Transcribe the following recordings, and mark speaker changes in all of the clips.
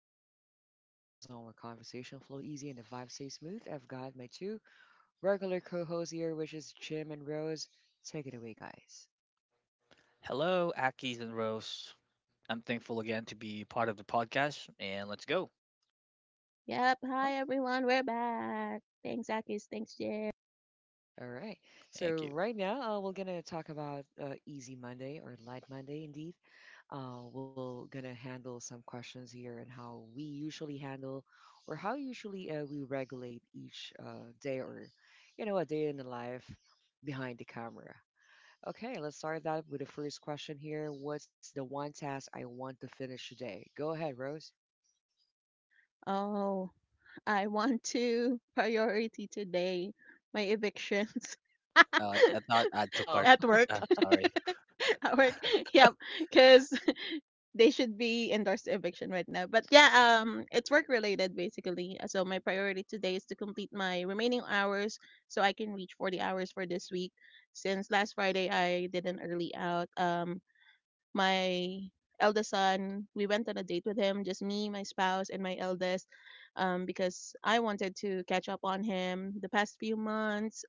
Speaker 1: and you've stepped into chill zone where conversation flow easy and the vibe stay smooth. I've got my two regular co-hosts here, which is Jim and Rose. Take it away, guys.
Speaker 2: Hello, Akis and Rose. I'm thankful again to be part of the podcast, and let's go.
Speaker 3: Yep.
Speaker 1: Uh-huh.
Speaker 3: Hi, everyone. We're back. Thanks, Akis. Thanks, Jay.
Speaker 1: All right. So
Speaker 2: Thank you.
Speaker 1: right now, we're gonna talk about Easy Monday or Light Monday, indeed. We're gonna handle some questions here and how we usually handle, or how usually we regulate each day, or you know, a day in the life behind the camera. Okay, let's start that with the first question here. What's the one task I want to finish today? Go ahead, Rose.
Speaker 3: Oh, I want to priority today my evictions
Speaker 2: I thought I took
Speaker 1: Oh,
Speaker 2: heart.
Speaker 3: at work.
Speaker 2: Uh, sorry.
Speaker 3: at work. Yep. Because they should be endorsed eviction right now. But yeah, it's work related basically. So my priority today is to complete my remaining hours so I can reach 40 hours for this week. Since last Friday, I did an early out. My eldest son, we went on a date with him, just me, my spouse, and my eldest, because I wanted to catch up on him the past few months.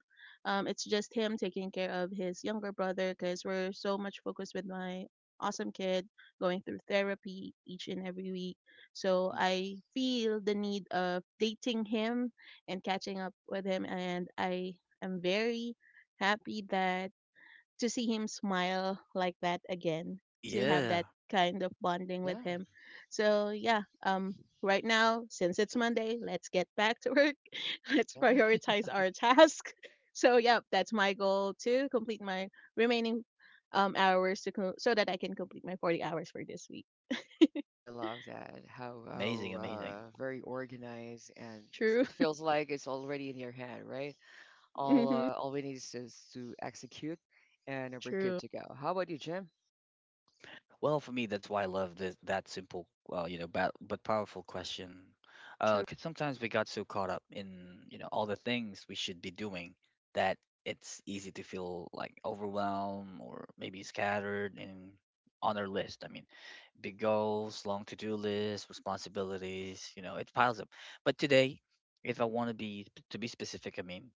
Speaker 3: It's just him taking care of his younger brother because we're so much focused with my awesome kid going through therapy each and every week. So
Speaker 1: Mhm.
Speaker 3: I feel the need of dating him and catching up with him. And I am very happy that to see him smile like that again, to have
Speaker 2: Yeah,
Speaker 3: that kind of bonding with
Speaker 1: yeah,
Speaker 3: him. So yeah, right now since it's Monday, let's get back to work. Let's
Speaker 1: yeah.
Speaker 3: prioritize our task. So yeah, that's my goal to complete my remaining hours so that I can complete my 40 hours for this week.
Speaker 1: I love that. How
Speaker 2: amazing,
Speaker 1: how
Speaker 2: amazing.
Speaker 1: very organized and
Speaker 3: True.
Speaker 1: it feels like it's already in your hand, right? All
Speaker 3: Mhm.
Speaker 1: uh, all we need is just to execute, and we're good
Speaker 3: True.
Speaker 1: to go. How about you, Jim?
Speaker 2: Well, for me, that's why I love this that simple, but powerful question. 'Cause sometimes we got so caught up in all the things we should be doing that it's easy to feel like overwhelmed or maybe scattered and on our list. Big goals, long to do lists, responsibilities, it piles up. But today, if I want to be specific,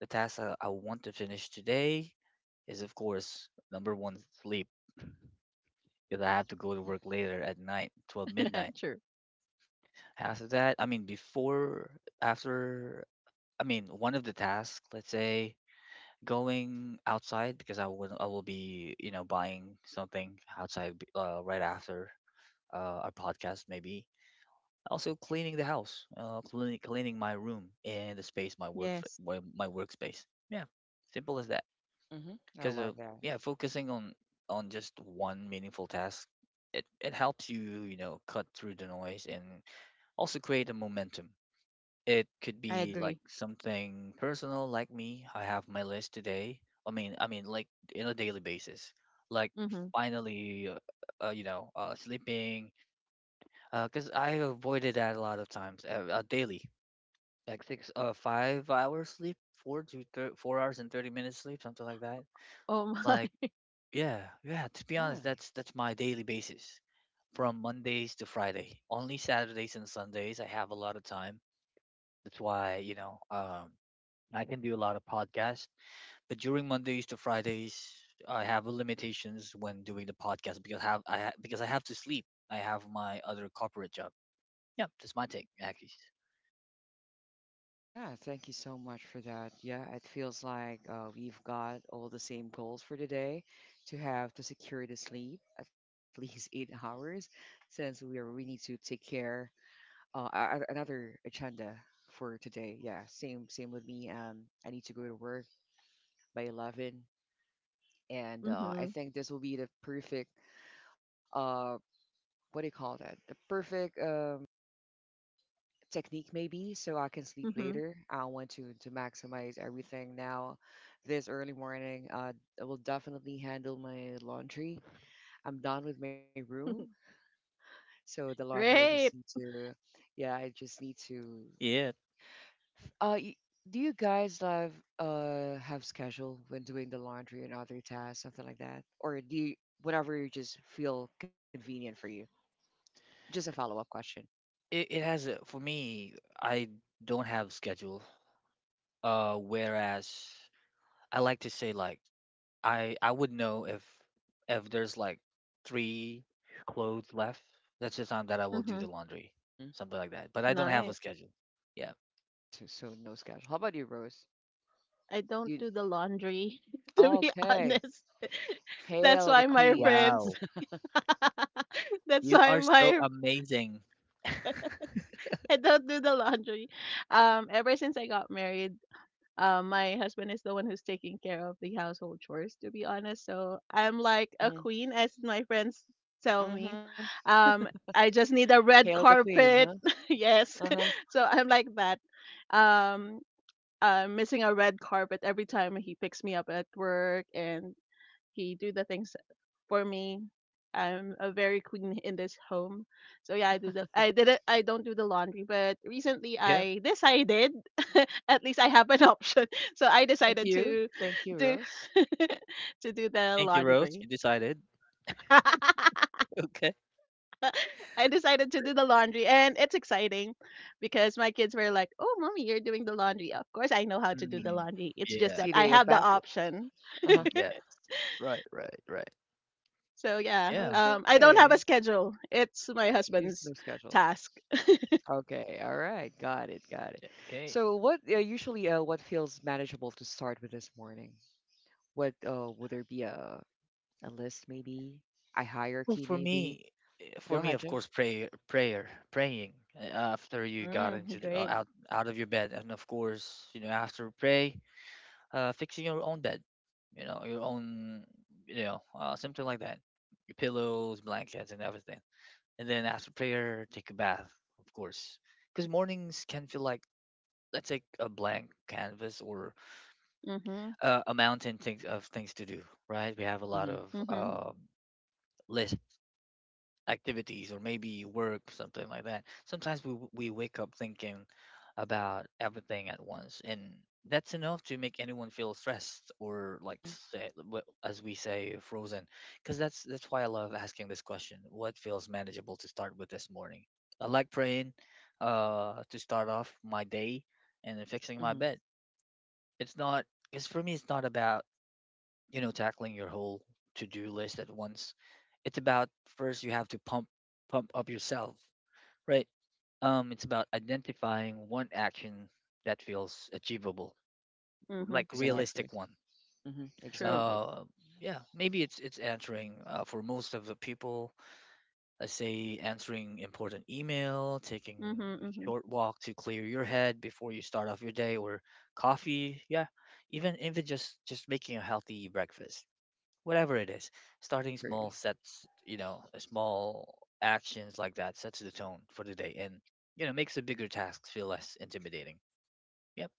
Speaker 2: the task I want to finish today is of course number one sleep because I
Speaker 1: Mhm.
Speaker 2: have to go to work later at night, 12 midnight.
Speaker 3: True.
Speaker 2: After that, I mean before after I mean one of the tasks, let's say going outside because I will be, buying something outside right after our podcast maybe. Also cleaning the house, cleaning my room and the space, my work
Speaker 3: Yes,
Speaker 2: my workspace. Yeah, simple as that.
Speaker 1: Mhm. I
Speaker 2: Because
Speaker 1: love that.
Speaker 2: yeah, focusing on just one meaningful task, it helps you you know cut through the noise and also create a momentum. It could
Speaker 3: I
Speaker 2: be like
Speaker 3: agree.
Speaker 2: something personal, like me. I have my list today. Like in a daily basis. Like
Speaker 3: Mhm.
Speaker 2: finally, sleeping, because I avoided that a lot of times, daily like six 5 hours sleep, four to 4 hours and 30 minutes sleep, something like that.
Speaker 3: Oh my.
Speaker 2: like yeah, to be honest,
Speaker 1: Yeah.
Speaker 2: that's my daily basis from mondays to friday. Only saturdays and sundays I have a lot of time. That's why I can do a lot of podcasts, but during mondays to fridays I have limitations when doing the podcast because I have to sleep. I have my other corporate job. Yeah, that's my take, Akis.
Speaker 1: Yeah, thank you so much for that. Yeah, it feels like we've got all the same goals for today to have to secure the sleep at least 8 hours, since we need to take care. Another agenda for today. Yeah, same with me. I need to go to work by 11, and I
Speaker 3: Mhm.
Speaker 1: think this will be the perfect uh, what do you call that? The perfect technique maybe so I can sleep
Speaker 3: Mhm.
Speaker 1: later. I want to maximize everything now. This early morning, I will definitely handle my laundry. I'm done with my room, so the laundry I just need
Speaker 3: Great.
Speaker 1: to, yeah, I just need to.
Speaker 2: Yeah,
Speaker 1: Uh, y- do you guys have schedule when doing the laundry and other tasks, something like that, or do you whenever you just feel convenient for you? Just a follow up question.
Speaker 2: It has a, for me, I don't have schedule. Whereas I like to say like I would know if there's like three clothes left, that's the time that I will do the
Speaker 3: Mhm.
Speaker 2: laundry,
Speaker 1: Hmm.
Speaker 2: something like that. But I don't have a
Speaker 3: Nice.
Speaker 2: schedule. Yeah.
Speaker 1: So no schedule. How about you, Rose?
Speaker 3: I don't
Speaker 1: You
Speaker 3: do the laundry, to be
Speaker 1: okay?
Speaker 3: honest. That's
Speaker 1: Hail the
Speaker 3: why my
Speaker 1: Queen.
Speaker 3: friends,
Speaker 2: Wow,
Speaker 3: that's
Speaker 2: you
Speaker 3: why
Speaker 2: are so
Speaker 3: my
Speaker 2: amazing.
Speaker 3: I don't do the laundry. Ever since I got married, my husband is the one who's taking care of the household chores, to be honest. So I'm like
Speaker 1: Mhm.
Speaker 3: a queen, as my friends tell
Speaker 1: Mhm.
Speaker 3: me. Um, I just need a
Speaker 1: Hail the
Speaker 3: red
Speaker 1: Queen, huh?
Speaker 3: carpet.
Speaker 1: Uh-huh.
Speaker 3: Yes. So I'm like that. Um, missing a red carpet every time he picks me up at work and he do the things for me. I'm a very queen in this home. So yeah, I don't do the laundry, but recently
Speaker 2: Yeah.
Speaker 3: I decided at least I have an option. So I
Speaker 1: Thank
Speaker 3: decided
Speaker 1: you.
Speaker 3: to
Speaker 1: Thank you,
Speaker 3: do
Speaker 1: Rose.
Speaker 3: to do the
Speaker 2: Thank you, Rose.
Speaker 3: laundry.
Speaker 2: You decided. Okay.
Speaker 3: I decided to do the laundry and it's exciting because my kids were like, "Oh, mommy, you're doing the laundry." Of course I know how to
Speaker 1: See?
Speaker 3: do the
Speaker 2: Mm,
Speaker 3: laundry. It's
Speaker 1: See
Speaker 3: just
Speaker 2: yeah.
Speaker 3: that
Speaker 1: the
Speaker 3: I have the
Speaker 1: impact?
Speaker 2: Yeah.
Speaker 3: option.
Speaker 1: Uh-huh.
Speaker 2: Mm, yeah. Right. Right. Right.
Speaker 3: So yeah,
Speaker 2: Yeah.
Speaker 3: I
Speaker 1: Okay.
Speaker 3: don't have a schedule. It's my
Speaker 1: Here's the
Speaker 3: husband's
Speaker 1: schedule.
Speaker 3: task.
Speaker 1: Okay. All right. Got it. Got it.
Speaker 2: Yeah, okay.
Speaker 1: So what usually what feels manageable to start with this morning? What would there be a list maybe? A
Speaker 2: Well,
Speaker 1: hierarchy
Speaker 2: for
Speaker 1: maybe?
Speaker 2: me,
Speaker 1: Go ahead,
Speaker 2: of
Speaker 1: Jim.
Speaker 2: course, prayer, prayer, praying after you got
Speaker 3: Mm,
Speaker 2: into
Speaker 3: great.
Speaker 2: out of your bed, and of course, you know, after pray, fixing your own bed, you know, your own, something like that, your pillows, blankets, and everything. And then after prayer, take a bath, of course, because mornings can feel like, let's say, a blank canvas or
Speaker 3: Mhm.
Speaker 2: a mountain things to do, right? We have a lot
Speaker 1: Mhm.
Speaker 2: of
Speaker 3: Mhm.
Speaker 2: list activities or maybe work, something like that. Sometimes we wake up thinking about everything at once, and that's enough to make anyone feel stressed or like
Speaker 1: Mhm.
Speaker 2: say, as we say, frozen. Because that's why I love asking this question: what feels manageable to start with this morning? I like praying, to start off my day, and then fixing my
Speaker 1: Mhm.
Speaker 2: bed. It's not, because for me, it's not about tackling your whole to-do list at once. It's about first you have to pump up yourself, right? It's about identifying one action that feels achievable,
Speaker 3: Mhm.
Speaker 2: like
Speaker 3: Yep.
Speaker 1: Exactly.
Speaker 2: realistic one.
Speaker 1: Mhm.
Speaker 3: True.
Speaker 1: Exactly.
Speaker 2: Uh yeah, maybe it's answering, for most of the people, let's say answering important email, taking
Speaker 3: Mhm. Mhm.
Speaker 2: short walk to clear your head before you start off your day, or coffee. Yeah, even just making a healthy breakfast, whatever it is. Starting small
Speaker 1: Agree.
Speaker 2: sets, small actions like that sets the tone for the day and makes the bigger tasks feel less intimidating. Yep.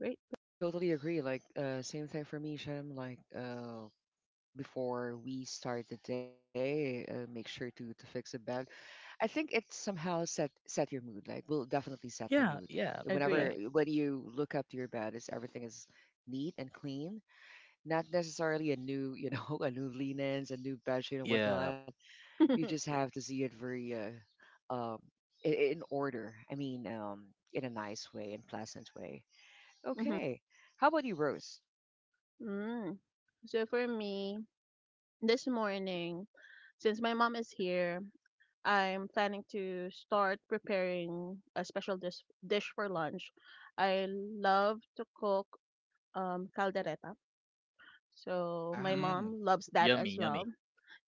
Speaker 3: Great.
Speaker 1: I totally agree. Like, same thing for me, Shem. Like, before we start the day, make sure to fix the bed. I think it somehow set your mood. Like, will definitely set your mood.
Speaker 2: Yeah. Yeah.
Speaker 1: Whenever
Speaker 3: Agree.
Speaker 2: Right.
Speaker 1: when you look up to your bed, is everything is neat and clean. Not necessarily a new, you know, a new linens, a new bedsheet and
Speaker 2: Yeah.
Speaker 1: whatnot. You just have to see it very, um, in order. I mean, in a nice way, in pleasant way.
Speaker 3: Mhm.
Speaker 1: Okay. How about you, Rose?
Speaker 3: Mm. So for me, this morning, since my mom is here, I'm planning to start preparing a special dish for lunch. I love to cook caldereta. So my
Speaker 1: Wow.
Speaker 2: Mm,
Speaker 3: mom loves that
Speaker 2: yummy
Speaker 3: as well.
Speaker 2: yummy.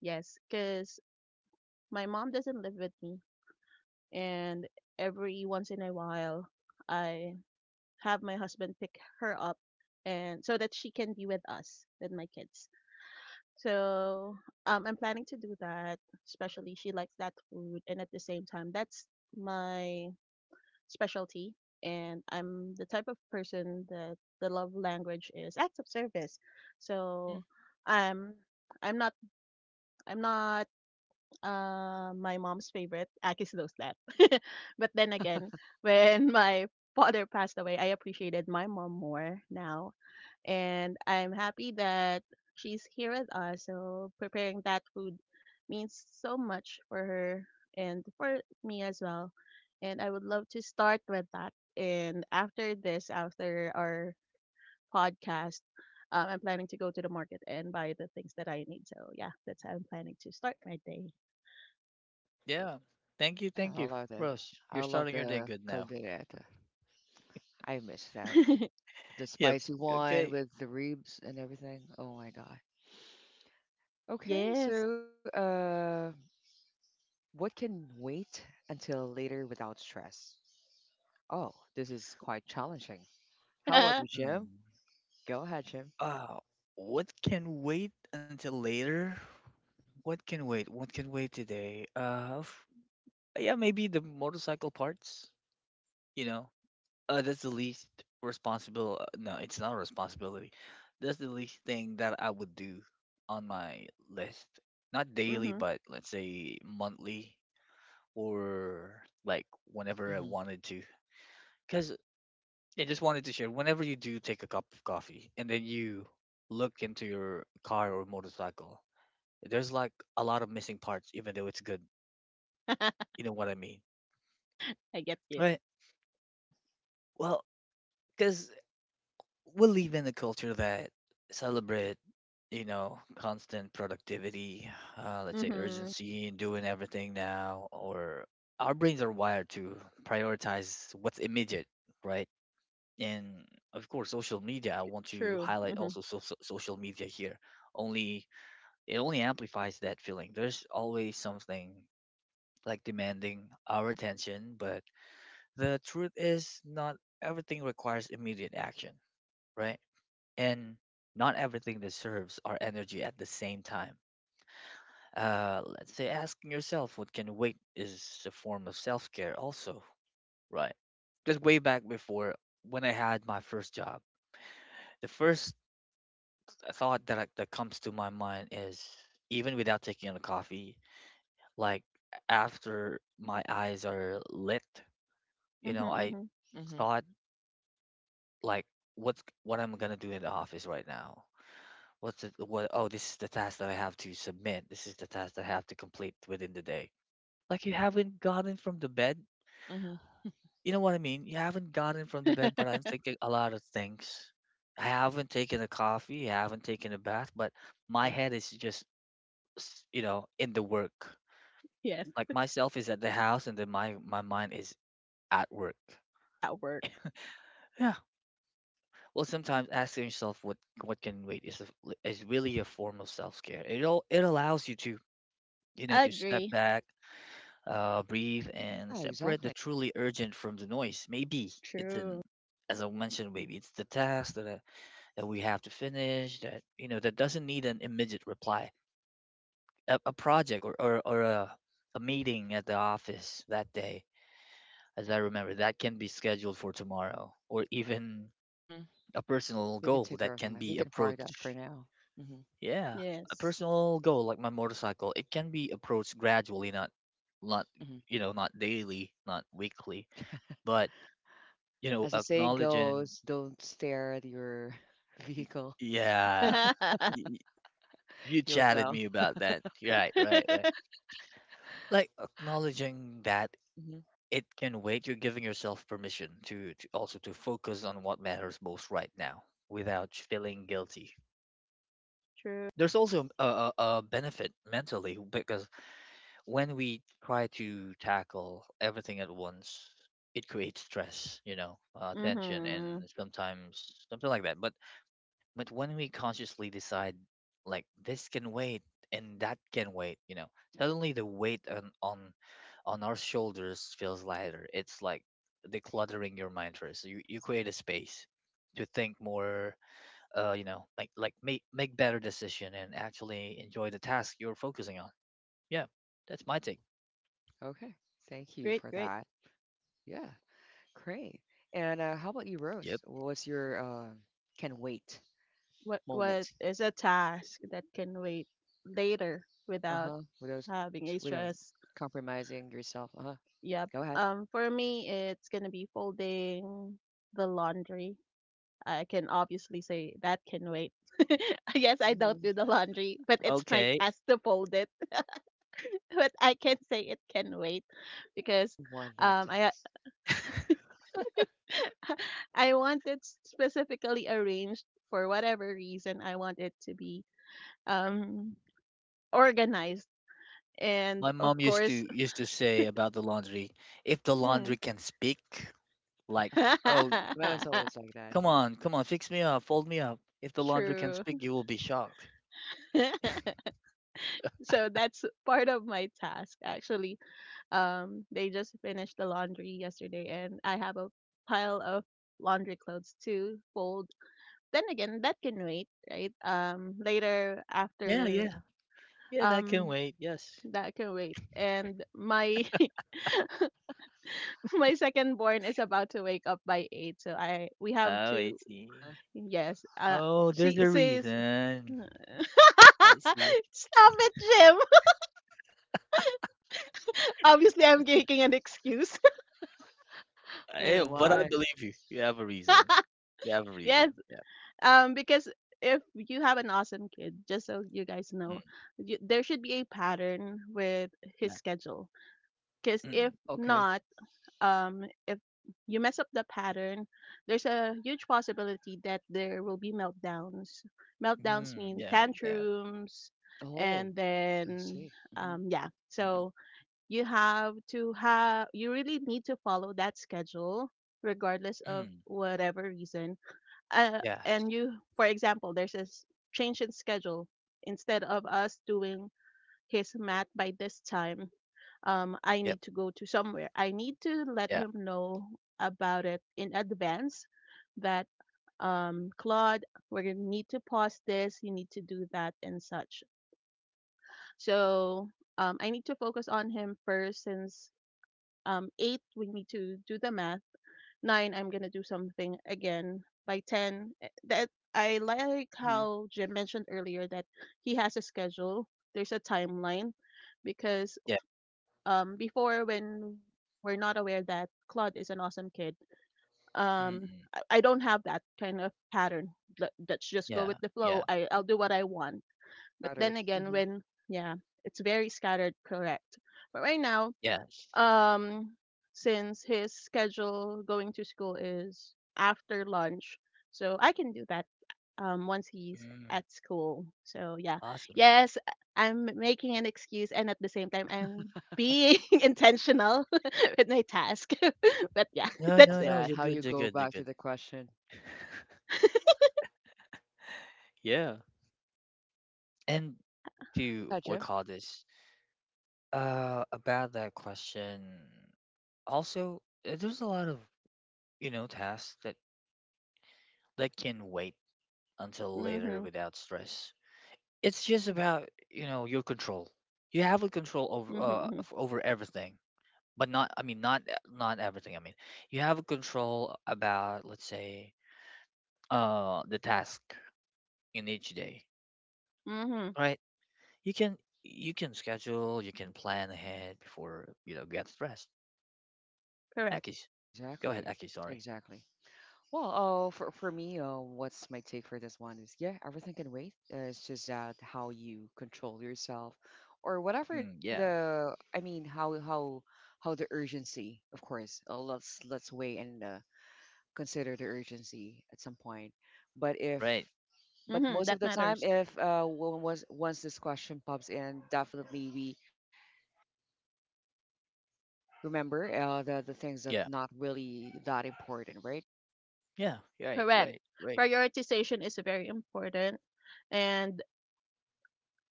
Speaker 3: Yes, cause my mom doesn't live with me, and every once in a while, I have my husband pick her up, and so that she can be with us with my kids. So I'm planning to do that, especially she likes that food, and at the same time that's my specialty. And I'm the type of person that the love language is acts of service.
Speaker 1: Mhm.
Speaker 3: So i'm i'm not I'm not my mom's favorite, Akis Loslat. But then again, when my father passed away, I appreciated my mom more now. And I'm happy that she's here with us. So preparing that food means so much for her and for me as well. And I would love to start with that. And after this, after our podcast, I'm planning to go to the market and buy the things that I need. So yeah, that's how I'm planning to start my day.
Speaker 2: Yeah, thank you,
Speaker 1: Yeah, I love that.
Speaker 2: Ross.
Speaker 1: I
Speaker 2: You're
Speaker 1: love
Speaker 2: starting your day
Speaker 1: the
Speaker 2: good now.
Speaker 1: caldereta. I miss that. The
Speaker 2: Yep.
Speaker 1: spicy one
Speaker 2: Okay.
Speaker 1: with the ribs and everything. Oh my God. Okay,
Speaker 3: Yes.
Speaker 1: so what can wait until later without stress? Oh, this is quite challenging. How about you, Jim?
Speaker 2: Mm.
Speaker 1: Go ahead, Jim.
Speaker 2: Uh, what can wait until later? What can wait what can wait today f- Yeah, maybe the motorcycle parts, you know. That's the least responsible. No, it's not a responsibility. That's the least thing that I would do on my list. Not daily,
Speaker 3: Mhm.
Speaker 2: but let's say monthly, or like whenever I
Speaker 1: Hmm.
Speaker 2: wanted to. Because I just wanted to share, whenever you do take a cup of coffee and then you look into your car or motorcycle, there's like a lot of missing parts, even though it's good. You know what I mean?
Speaker 3: I get you.
Speaker 2: Right. Well, because we live in a culture that celebrate, constant productivity, let's say
Speaker 3: Mhm.
Speaker 2: urgency and doing everything now. Or our brains are wired to prioritize what's immediate, right? And of course social media, I want to
Speaker 3: True.
Speaker 2: highlight
Speaker 3: Mhm.
Speaker 2: also social media here only. It only amplifies that feeling. There's always something like demanding our attention, but the truth is not everything requires immediate action, right? And not everything deserves our energy at the same time. Let's say asking yourself what can wait is a form of self care, also, right? Because way back before, when I had my first job, the first thought that, that comes to my mind is even without taking a coffee, like after my eyes are lit, you
Speaker 3: Mhm.
Speaker 2: know, I
Speaker 3: Mhm.
Speaker 1: Mhm.
Speaker 2: thought like what's, what I'm gonna do in the office right now. What's it? What? Oh, this is the task that I have to submit. This is the task that I have to complete within the day. Like you haven't gotten from the bed.
Speaker 1: Mhm.
Speaker 2: You know what I mean? You haven't gotten from the bed, but I'm thinking a lot of things. I haven't taken a coffee. I haven't taken a bath, but my
Speaker 1: Mhm.
Speaker 2: head is just, you know, in the work.
Speaker 3: Yes.
Speaker 2: Like myself is at the house, and then my mind is at work.
Speaker 3: At work.
Speaker 2: Yeah. Well, sometimes asking yourself what can wait is is really a form of self care. It allows you to, to step
Speaker 3: Agree.
Speaker 2: back, breathe, and
Speaker 1: Yeah,
Speaker 2: separate the
Speaker 1: exactly.
Speaker 2: truly urgent from the noise. Maybe it's an,
Speaker 3: True.
Speaker 2: as I mentioned, maybe it's the task that, that we have to finish, that, that doesn't need an immediate reply. A project, or a meeting at the office that day, as I remember, that can be scheduled for tomorrow, or even
Speaker 1: Mhm.
Speaker 2: a personal
Speaker 1: We can
Speaker 2: goal
Speaker 1: take care
Speaker 2: that
Speaker 1: of
Speaker 2: can
Speaker 1: that. We
Speaker 2: be
Speaker 1: can park that for
Speaker 2: approached.
Speaker 1: now. Hmm.
Speaker 2: Yeah, a
Speaker 3: Yes.
Speaker 2: personal goal like my motorcycle, it can be approached gradually, not,
Speaker 1: Hmm.
Speaker 2: not daily, not weekly, but, you know,
Speaker 1: As the saying
Speaker 2: acknowledging,
Speaker 1: goes, don't stare at your vehicle.
Speaker 2: yeah, y- y- you
Speaker 1: You'll
Speaker 2: chatted
Speaker 1: down.
Speaker 2: me about that. Right, right, right. Like acknowledging that
Speaker 1: Mhm,
Speaker 2: it can wait. You're giving yourself permission to also to focus on what matters most right now without feeling guilty. There's also a benefit mentally, because when we try to tackle everything at once, it creates stress, you know, tension, and
Speaker 3: Mhm.
Speaker 2: sometimes something like that. But when we consciously decide, like this can wait and that can wait, you know, suddenly the weight on our shoulders feels lighter. It's like decluttering your mind first. You create a space to think more, like make better decision and actually enjoy the task you're focusing on. Yeah, that's my
Speaker 1: mhm.
Speaker 2: take.
Speaker 1: Okay. Thank you
Speaker 3: Great.
Speaker 1: for
Speaker 3: Great.
Speaker 1: that. Yeah. Great. And how about you,
Speaker 2: Yep.
Speaker 1: Rose? What's your can wait
Speaker 3: What
Speaker 1: moment?
Speaker 3: is a task that can wait later
Speaker 1: Uh
Speaker 3: without
Speaker 1: huh.
Speaker 3: having
Speaker 1: Without
Speaker 3: a stress?
Speaker 1: compromising yourself. Uh huh. Go
Speaker 3: Yep.
Speaker 1: ahead.
Speaker 3: For me, it's gonna be folding the laundry. I can obviously say that can wait. Yes, I don't
Speaker 1: Hmm.
Speaker 3: do the laundry, but it's my
Speaker 2: Okay.
Speaker 3: task to fold it. But I can say it can wait because
Speaker 1: Don't want that
Speaker 3: I
Speaker 1: taste.
Speaker 3: I want it specifically arranged for whatever reason. I want it to be um, organized, and
Speaker 2: My
Speaker 3: of
Speaker 2: mom used to
Speaker 3: course,
Speaker 2: used to say about the laundry, if the laundry
Speaker 3: mm,
Speaker 2: can speak,
Speaker 1: Yeah.
Speaker 2: like, oh,
Speaker 1: Well, it's always like that.
Speaker 2: come
Speaker 1: Yeah.
Speaker 2: on, come on, fix me up, fold me up. If the laundry can
Speaker 3: true.
Speaker 2: speak, you will be shocked.
Speaker 3: So that's part of my task, actually. They just finished the laundry yesterday, and I have a pile of laundry clothes to fold. Then again, that can wait, right? Later
Speaker 2: Yeah,
Speaker 3: after,
Speaker 2: yeah, yeah, that can
Speaker 3: um,
Speaker 2: wait. Yes.
Speaker 3: that can wait. And my my second born is about to wake up by 8, so I we have
Speaker 2: Oh, I
Speaker 3: to.
Speaker 2: see.
Speaker 1: Uh-huh.
Speaker 3: Yes,
Speaker 2: Oh, there's
Speaker 3: she
Speaker 2: a
Speaker 3: says,
Speaker 2: reason. I see.
Speaker 3: "Stop it, Jim." Obviously, I'm making an excuse.
Speaker 1: Oh,
Speaker 2: Eh, but I
Speaker 1: why?
Speaker 2: believe you. You have a reason. You have a reason.
Speaker 3: Yes.
Speaker 2: Yeah.
Speaker 3: Because if you have an awesome kid, just so you guys know,
Speaker 2: Mm,
Speaker 3: there should be a pattern with his
Speaker 2: yeah.
Speaker 3: schedule. Because if
Speaker 2: Mm,
Speaker 1: Oh, okay.
Speaker 3: not, if you mess up the pattern, there's a huge possibility that there will be meltdowns. Meltdowns
Speaker 2: mm,
Speaker 3: mean
Speaker 2: yeah. Yeah.
Speaker 3: tantrums,
Speaker 1: Oh,
Speaker 3: and
Speaker 1: I
Speaker 3: then
Speaker 1: see.
Speaker 3: yeah.
Speaker 2: Mm,
Speaker 3: So you really need to follow that schedule regardless of
Speaker 2: mm,
Speaker 3: whatever reason,
Speaker 2: yes.
Speaker 3: and you, for example, there's a change in schedule, instead of us doing his math by this time. I
Speaker 2: Yep.
Speaker 3: need to go to somewhere, I need to let
Speaker 2: Yeah.
Speaker 3: him know about it in advance that, Claude, we're going to need to pause this, you need to do that and such. So I need to focus on him first since 8 we need to do the math, 9 I'm gonna do something again by 10, that I like
Speaker 1: Mm-hmm. Mm-hmm.
Speaker 3: how Jim mentioned earlier that he has a schedule, there's a timeline. Because
Speaker 2: Yeah.
Speaker 3: before, when we're not aware that Claude is an awesome kid,
Speaker 2: Mm,
Speaker 3: um
Speaker 2: mm,
Speaker 3: I don't have that kind of pattern. Let's just go
Speaker 2: yeah.
Speaker 3: with the flow,
Speaker 2: Yeah.
Speaker 3: I'll do what I want. But
Speaker 1: Cuttered.
Speaker 3: then again when, yeah, it's very scattered, correct, but right now
Speaker 2: Yes.
Speaker 3: um since his schedule going to school is after lunch, so I can do that once he's
Speaker 2: Mm,
Speaker 3: at school. So yeah,
Speaker 2: awesome.
Speaker 3: yes, I'm making an excuse and at the same time I'm being intentional with my task. But yeah,
Speaker 2: No,
Speaker 1: Love
Speaker 3: that's
Speaker 2: no,
Speaker 3: it.
Speaker 2: no.
Speaker 1: that.
Speaker 2: You're
Speaker 1: How you
Speaker 2: good. You're
Speaker 1: go
Speaker 2: good. You're
Speaker 1: back to
Speaker 2: good.
Speaker 1: the question.
Speaker 2: Yeah. And
Speaker 1: Go
Speaker 2: to
Speaker 1: ahead,
Speaker 2: what
Speaker 1: Jim.
Speaker 2: call this? About that question. Also, there's a lot of, tasks that can wait until later
Speaker 3: Mhm.
Speaker 2: without stress. It's just about, your control. You have a control over
Speaker 3: Mhm. Mhm.
Speaker 2: over everything, but not, not everything. I mean you have a control about, let's say, the task in each day,
Speaker 3: Mhm.
Speaker 2: right? You
Speaker 1: Mhm.
Speaker 2: can you can schedule, you can plan ahead before get stressed.
Speaker 3: Correct.
Speaker 2: Heck, go ahead,
Speaker 1: Exactly.
Speaker 2: Aki, sorry.
Speaker 1: Exactly. Well, oh, for me, what's my take for this one is yeah, everything can wait. It's just that how you control yourself, or whatever
Speaker 2: Mm, yeah,
Speaker 1: the. I mean, how how the urgency. Of course, let's weigh and consider the urgency at some point. But if
Speaker 2: right.
Speaker 1: but
Speaker 3: Mhm.
Speaker 1: most of
Speaker 3: That
Speaker 1: the time,
Speaker 3: matters.
Speaker 1: if once this question pops in, definitely we Remember the things that
Speaker 2: Yeah,
Speaker 1: not really that important, right?
Speaker 2: yeah, right,
Speaker 3: Correct.
Speaker 2: right, right.
Speaker 3: Prioritization is very important, and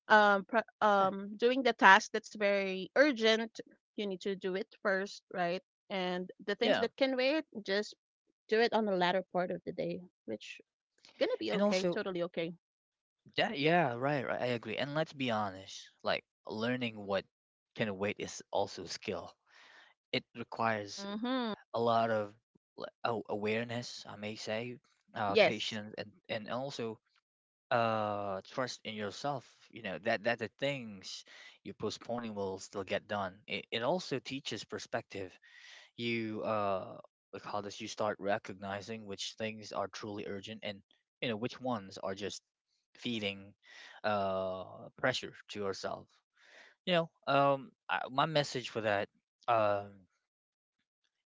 Speaker 1: Yeah.
Speaker 3: doing the task that's very urgent, you need to do it first, right? And the things
Speaker 2: Yeah.
Speaker 3: that can wait, just do it on the latter part of the day, which gonna be
Speaker 2: And
Speaker 3: okay,
Speaker 2: also
Speaker 3: totally okay.
Speaker 2: that, yeah, right, right. I agree. And let's be honest, like learning what can wait is also skill. It requires
Speaker 3: Mhm.
Speaker 2: a lot of awareness, I may say,
Speaker 3: Yes.
Speaker 2: patience and also trust in yourself, you know that that the things you're postponing will still get done. It also teaches perspective. You we call this You start recognizing which things are truly urgent and, you know, which ones are just feeding uh pressure to yourself. My message for that, um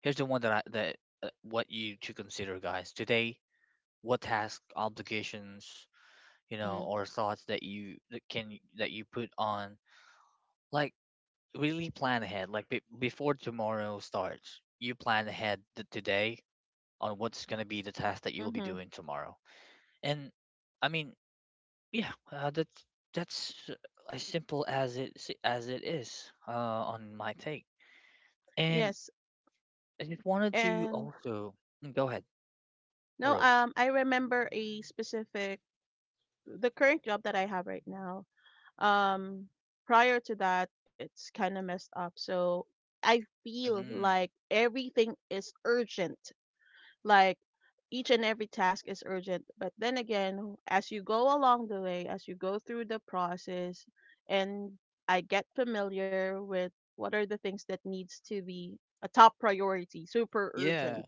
Speaker 2: here's the one that I that what you to consider, guys, today: what task, obligations, you know,
Speaker 1: Mhm.
Speaker 2: or thoughts that you put on, like, really plan ahead. Like, before tomorrow starts, you plan ahead today on what's going to be the task that you'll be
Speaker 3: Mhm.
Speaker 2: doing tomorrow. And, I mean, yeah, that's as simple as as it is, on my take. And
Speaker 3: Yes.
Speaker 2: I just wanted to
Speaker 3: And
Speaker 2: also... Mm, go ahead,
Speaker 3: no,
Speaker 2: Rose.
Speaker 3: I remember, a specific the current job that I have right now, um prior to that it's kind of messed up, so I feel
Speaker 2: Hmm.
Speaker 3: like everything is urgent. Like each and every task is urgent, but then again, as you go along the way, as you go through the process, and I get familiar with what are the things that needs to be a top priority, super
Speaker 2: Yeah,
Speaker 3: urgent.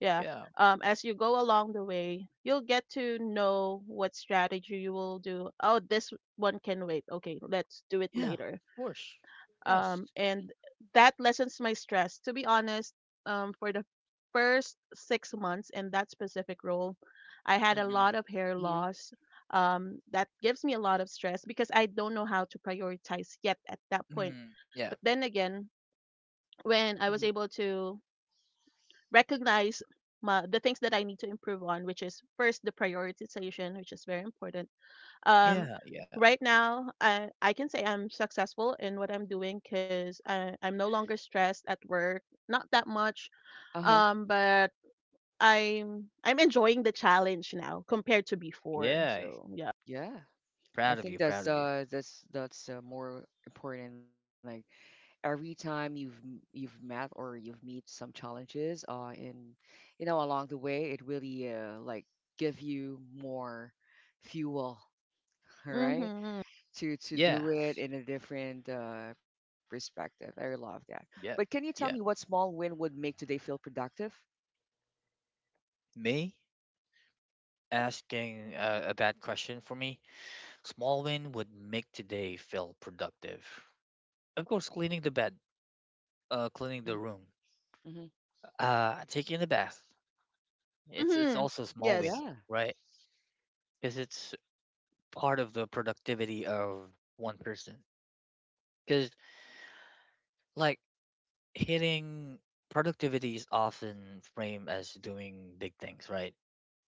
Speaker 3: Yeah.
Speaker 2: yeah, of...
Speaker 3: As you go along the way, you'll get to know what strategy you will do. Oh, this one can wait. Okay, let's do it
Speaker 2: Yeah,
Speaker 3: later,
Speaker 2: of course. Yes.
Speaker 3: and that lessens my stress. To be honest, for the first 6 months in that specific role, I had a
Speaker 2: Mm-mm.
Speaker 3: lot of hair
Speaker 1: Mhm.
Speaker 3: loss. That gives me a lot of stress because I don't know how to prioritize yet at that point.
Speaker 2: Mm.
Speaker 3: But
Speaker 2: Yeah.
Speaker 3: then again, when I was
Speaker 1: Mhm.
Speaker 3: able to recognize the things that I need to improve on, which is first the prioritization, which is very important, um,
Speaker 2: Yeah, yeah,
Speaker 3: right now, I can say I'm successful in what I'm doing because I'm no longer stressed at work, not that much.
Speaker 1: Uh huh.
Speaker 3: But I'm enjoying the challenge now compared to before.
Speaker 2: yeah.
Speaker 3: So yeah.
Speaker 1: Yeah. I
Speaker 2: Proud of
Speaker 1: think
Speaker 2: you, proud
Speaker 1: that's
Speaker 2: of you.
Speaker 1: more important. Like every time you've you've met or you've meet some challenges, in you know along the way, it really like give you more fuel, all right?
Speaker 3: Mhm.
Speaker 1: To do it
Speaker 2: Yes.
Speaker 1: in a different perspective. I love that. But can you
Speaker 2: Yep,
Speaker 1: tell me what
Speaker 2: yep.
Speaker 1: small win would make today feel productive?
Speaker 2: Me
Speaker 1: Mhm,
Speaker 2: asking, a bad question for me. Small win would make today feel productive. Of course, cleaning the bed, cleaning the
Speaker 1: mhm,
Speaker 2: room,
Speaker 1: mhm.
Speaker 2: taking a bath. It's
Speaker 3: Mhm.
Speaker 2: also a small win,
Speaker 3: Yes.
Speaker 1: Yeah.
Speaker 2: right? Because it's part of the productivity of one person. Because, like, hitting productivity is often framed as doing big things, right?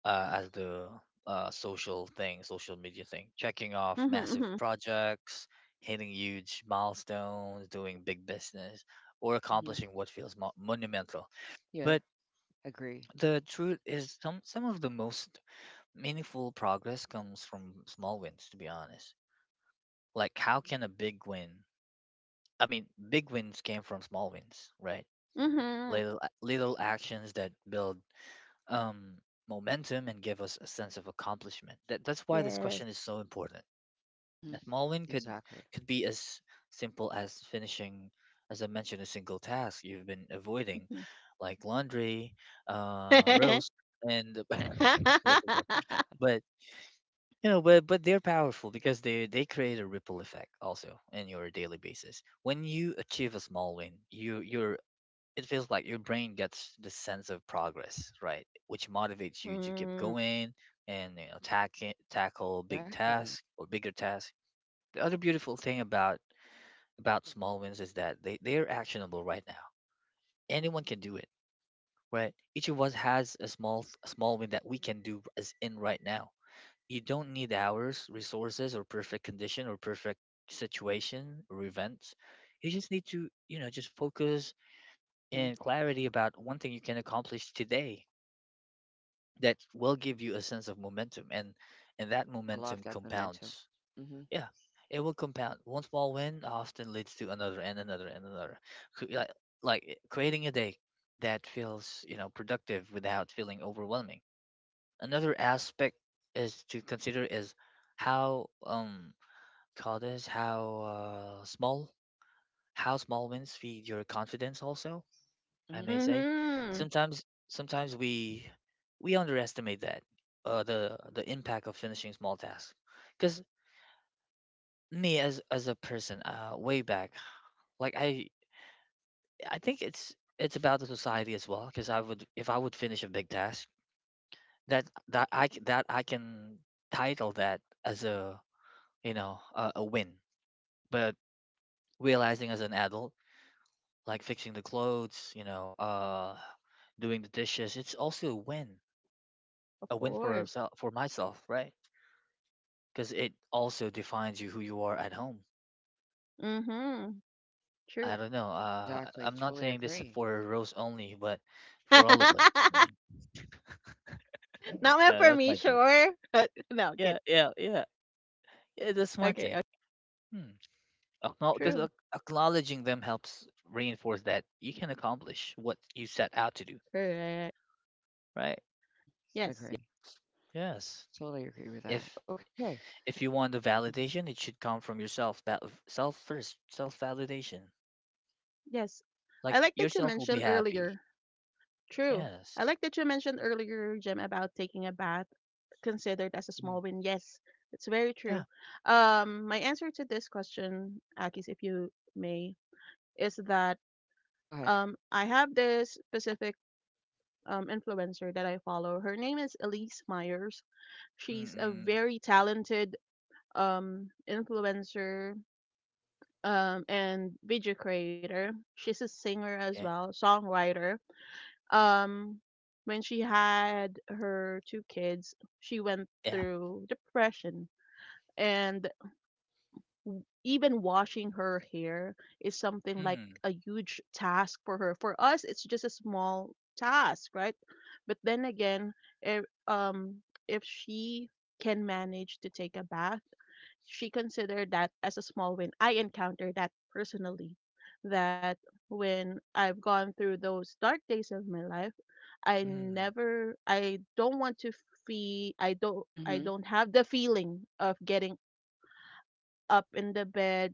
Speaker 1: Mhm,
Speaker 2: as the Social thing, social media thing, checking off
Speaker 3: Mhm.
Speaker 2: massive
Speaker 3: Mhm.
Speaker 2: projects, hitting huge milestones, doing big business, or
Speaker 1: mhm.
Speaker 2: accomplishing what feels monumental. But
Speaker 1: Yeah, agree.
Speaker 2: the truth is, some of the most meaningful progress comes from small wins. To be honest, like, how can a big win? I mean, big wins came from small wins, right?
Speaker 3: Mhm.
Speaker 2: Little actions that build, um, momentum and give us a sense of accomplishment. That's why this question
Speaker 3: Yes.
Speaker 2: is so important. A
Speaker 1: Mhm.
Speaker 2: small win
Speaker 1: Exactly.
Speaker 2: could be as simple as finishing, as I mentioned, a single task you've been avoiding,
Speaker 3: Mhm.
Speaker 2: like laundry, roast, and this is it. But, you know, but they're powerful because they create a ripple effect also in your daily basis. When you achieve a small win, you you're it feels like your brain gets this sense of progress, right? Which motivates you to keep
Speaker 3: Mhm.
Speaker 2: going and, you know, tackle big
Speaker 1: Exactly.
Speaker 2: tasks or bigger tasks. The other beautiful thing about small wins is that they're actionable right now. Anyone can do it, right? Each of us has a small win that we can do, as in right now. You don't need hours, resources, or perfect condition or perfect situation or events. You just need to, you know, just focus
Speaker 1: Mhm.
Speaker 2: and clarity about one thing you can accomplish today that will give you a sense of momentum, and that
Speaker 1: Yeah, I love
Speaker 2: momentum
Speaker 1: that momentum.
Speaker 2: compounds.
Speaker 1: Mhm,
Speaker 2: Yeah, it will compound. One small win often leads to another and another and another. Cre- like Creating a day that feels, you know, productive without feeling overwhelming. Another aspect is to consider is how call this how small how small wins feed your confidence also, I
Speaker 1: mhm.
Speaker 2: may say.
Speaker 3: Mhm.
Speaker 2: Sometimes we underestimate that the impact of finishing small tasks. Because me, as a person, way back, like, I think it's about the society as well. Because I would, if I would finish a big task, that that I can title that as, a you know, a win. But, realizing as an adult, like fixing the clothes, you know, doing the dishes, it's also a win,
Speaker 3: Of
Speaker 2: a win for
Speaker 3: course.
Speaker 2: herself, for myself, right? Because it also defines you, who you are at home.
Speaker 3: Mhm. True.
Speaker 2: I don't know.
Speaker 1: Exactly.
Speaker 2: I'm not
Speaker 1: Truly
Speaker 2: saying this
Speaker 1: agree.
Speaker 2: for Rose only, but for all of us, right?
Speaker 3: Not meant for
Speaker 2: That's
Speaker 3: me,
Speaker 2: my joke.
Speaker 3: sure. No, kidding.
Speaker 2: Yeah, yeah, yeah, yeah. That's my
Speaker 3: Okay, okay.
Speaker 2: take. Hmm. Because
Speaker 3: True.
Speaker 2: acknowledging them helps reinforce that you can accomplish what you set out to do,
Speaker 3: Correct.
Speaker 2: right?
Speaker 1: Mhm.
Speaker 3: Yes.
Speaker 1: Agree.
Speaker 2: Yes.
Speaker 1: Totally agree with that.
Speaker 2: If
Speaker 1: Okay.
Speaker 2: if you want the
Speaker 1: Mhm.
Speaker 2: validation, it should come from yourself. That self first, self validation.
Speaker 3: Yes. I
Speaker 2: Like,
Speaker 3: like that you
Speaker 2: yourself will
Speaker 3: mentioned
Speaker 2: be
Speaker 3: earlier.
Speaker 2: happy.
Speaker 3: True. I
Speaker 2: Yes.
Speaker 3: like that you mentioned earlier, Jim, about taking a bath considered as a
Speaker 2: Hmm.
Speaker 3: small win. Yes, it's very
Speaker 2: Yeah.
Speaker 3: true. My answer to this question, Akis, if you may, is that
Speaker 1: Go ahead.
Speaker 3: I have this specific influencer that I follow. Her name is Elise Myers. She's a
Speaker 2: Mm-mm.
Speaker 3: very talented influencer and video creator. She's a singer as
Speaker 2: Yeah.
Speaker 3: well, songwriter. Um, when she had her two kids, she went
Speaker 2: Yeah.
Speaker 3: through depression, and even washing her hair is something like
Speaker 2: Mm.
Speaker 3: a huge task for her. For us, it's just a small task, right? But then again, if, um, if she can manage to take a bath she considered that as a small win. I encountered that personally. That when I've gone through those dark days of my life, I
Speaker 2: Mm.
Speaker 3: never, I don't want to feel, I don't, I
Speaker 1: Mhm.
Speaker 3: don't have the feeling of getting up in the bed,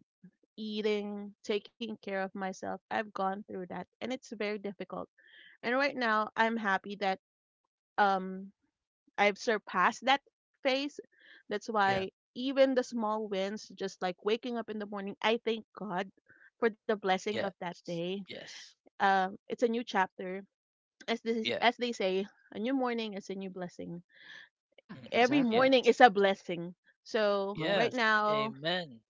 Speaker 3: eating, taking care of myself. I've gone through that, and it's very difficult. And right now, I'm happy that um I've surpassed that phase. That's
Speaker 2: Yeah.
Speaker 3: why even the small wins, just like waking up in the morning, I thank God for the blessing of
Speaker 2: Yes.
Speaker 3: that day.
Speaker 2: Yes.
Speaker 3: It's a new chapter, as
Speaker 2: Yeah.
Speaker 3: they say, a new morning is a new blessing.
Speaker 1: Yeah,
Speaker 2: Mm-mm.
Speaker 3: Every
Speaker 1: exactly.
Speaker 3: morning
Speaker 2: Yes.
Speaker 3: is a blessing. So
Speaker 1: Uh-huh.
Speaker 3: right
Speaker 2: Yes.
Speaker 3: now,
Speaker 2: Amen.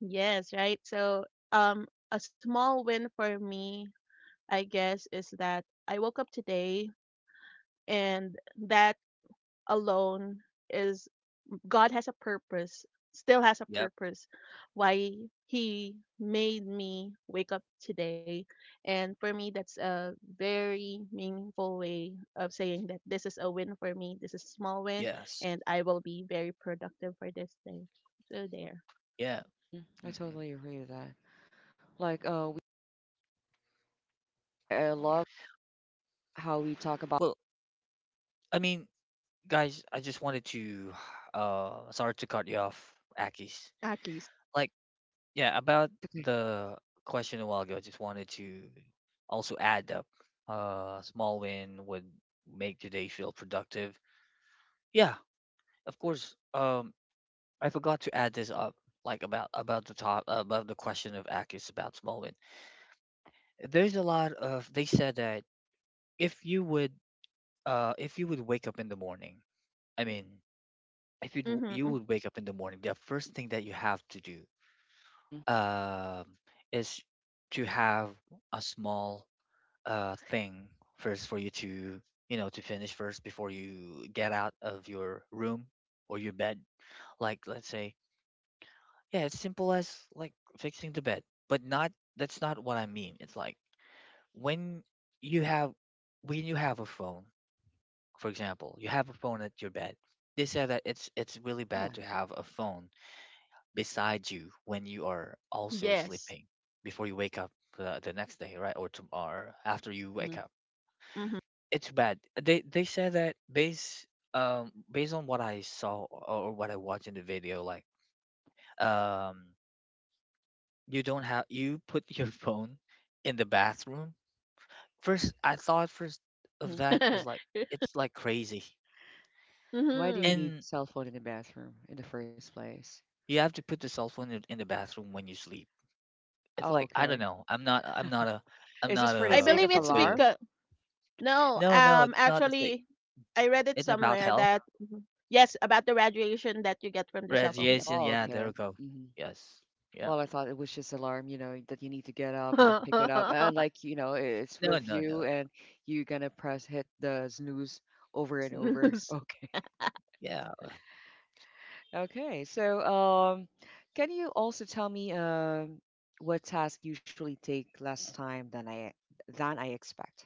Speaker 3: yes, right. A small win for me, I guess, is that I woke up today, and that alone is God has a purpose, still has a
Speaker 2: Yep.
Speaker 3: purpose why he made me wake up today. And for me, that's a very meaningful way of saying that this is a win for me. This is a small win,
Speaker 2: Yes.
Speaker 3: and I will be very productive for this day. So there.
Speaker 2: Yeah.
Speaker 1: Hmm. I
Speaker 2: Mm-mm.
Speaker 1: totally agree with that. Like, I love how we talk about.
Speaker 2: Well, I mean, guys, I just wanted to, sorry to cut you off, Akis.
Speaker 3: Akis.
Speaker 2: Like, yeah, about
Speaker 1: It's okay.
Speaker 2: the question a while ago, I just wanted to also add up, small win would make today feel productive. Yeah, of course. I forgot to add this up, like, about the top, about the question of Akis about Smallwood. There's a lot of, they said that, if you would, if you would wake up in the morning, I mean, if you would, you
Speaker 3: Mm-hmm.
Speaker 2: would wake up in the morning, the first thing that you have to do,
Speaker 1: Hmm.
Speaker 2: um is to have a small thing first for you to, you know, to finish first before you get out of your room or your bed. Like, let's say... Yeah, it's simple as, like, fixing the bed, but not, that's not what I mean. It's like, when you have, when you have a phone, for example, you have a phone at your bed. They say that it's really bad
Speaker 1: Yeah.
Speaker 2: to have a phone beside you when you are also
Speaker 3: Yes.
Speaker 2: sleeping before you wake up the next day, right? Or tomorrow after you wake
Speaker 1: Hmm.
Speaker 2: up.
Speaker 3: Mm-hmm.
Speaker 2: It's bad. They say that based, based on what I saw or what I watched in the video, like, um you don't have, you put your phone in the bathroom. First, I thought first of
Speaker 1: Hmm.
Speaker 2: that is like, it's like crazy,
Speaker 1: Why do
Speaker 3: mm-hmm.
Speaker 1: you
Speaker 2: and
Speaker 1: need cell phone in the bathroom in the first place?
Speaker 2: you have to put the cell phone in the bathroom when you sleep. It's
Speaker 1: Oh,
Speaker 2: like, I don't
Speaker 1: okay.
Speaker 2: know. I'm not. I'm not a. I'm
Speaker 1: Is this
Speaker 2: not
Speaker 1: for the
Speaker 3: I
Speaker 1: sake
Speaker 2: a,
Speaker 3: believe
Speaker 1: of
Speaker 2: a
Speaker 3: it's
Speaker 2: good.
Speaker 1: alarm?
Speaker 3: because No,
Speaker 2: No, no, it's not the sick.
Speaker 3: actually, I read it
Speaker 2: It's about
Speaker 3: somewhere
Speaker 2: health.
Speaker 3: that Mhm. yes, about the radiation that you get from the cell phone. Yep.
Speaker 2: Radiation.
Speaker 1: Oh,
Speaker 2: Yeah, there
Speaker 1: okay.
Speaker 2: we go.
Speaker 1: Hmm.
Speaker 2: Yes. Yeah.
Speaker 1: Well, I thought it was just alarm, you know, that you need to get up
Speaker 2: Mm.
Speaker 1: and pick it up. And like, you know, it's
Speaker 2: No,
Speaker 1: with
Speaker 2: no,
Speaker 1: you
Speaker 2: no.
Speaker 1: and you're gonna press hit the snooze over and over.
Speaker 3: Snooze.
Speaker 1: Okay.
Speaker 2: Yeah.
Speaker 1: Okay. So, can you also tell me what task usually take less time than I expect?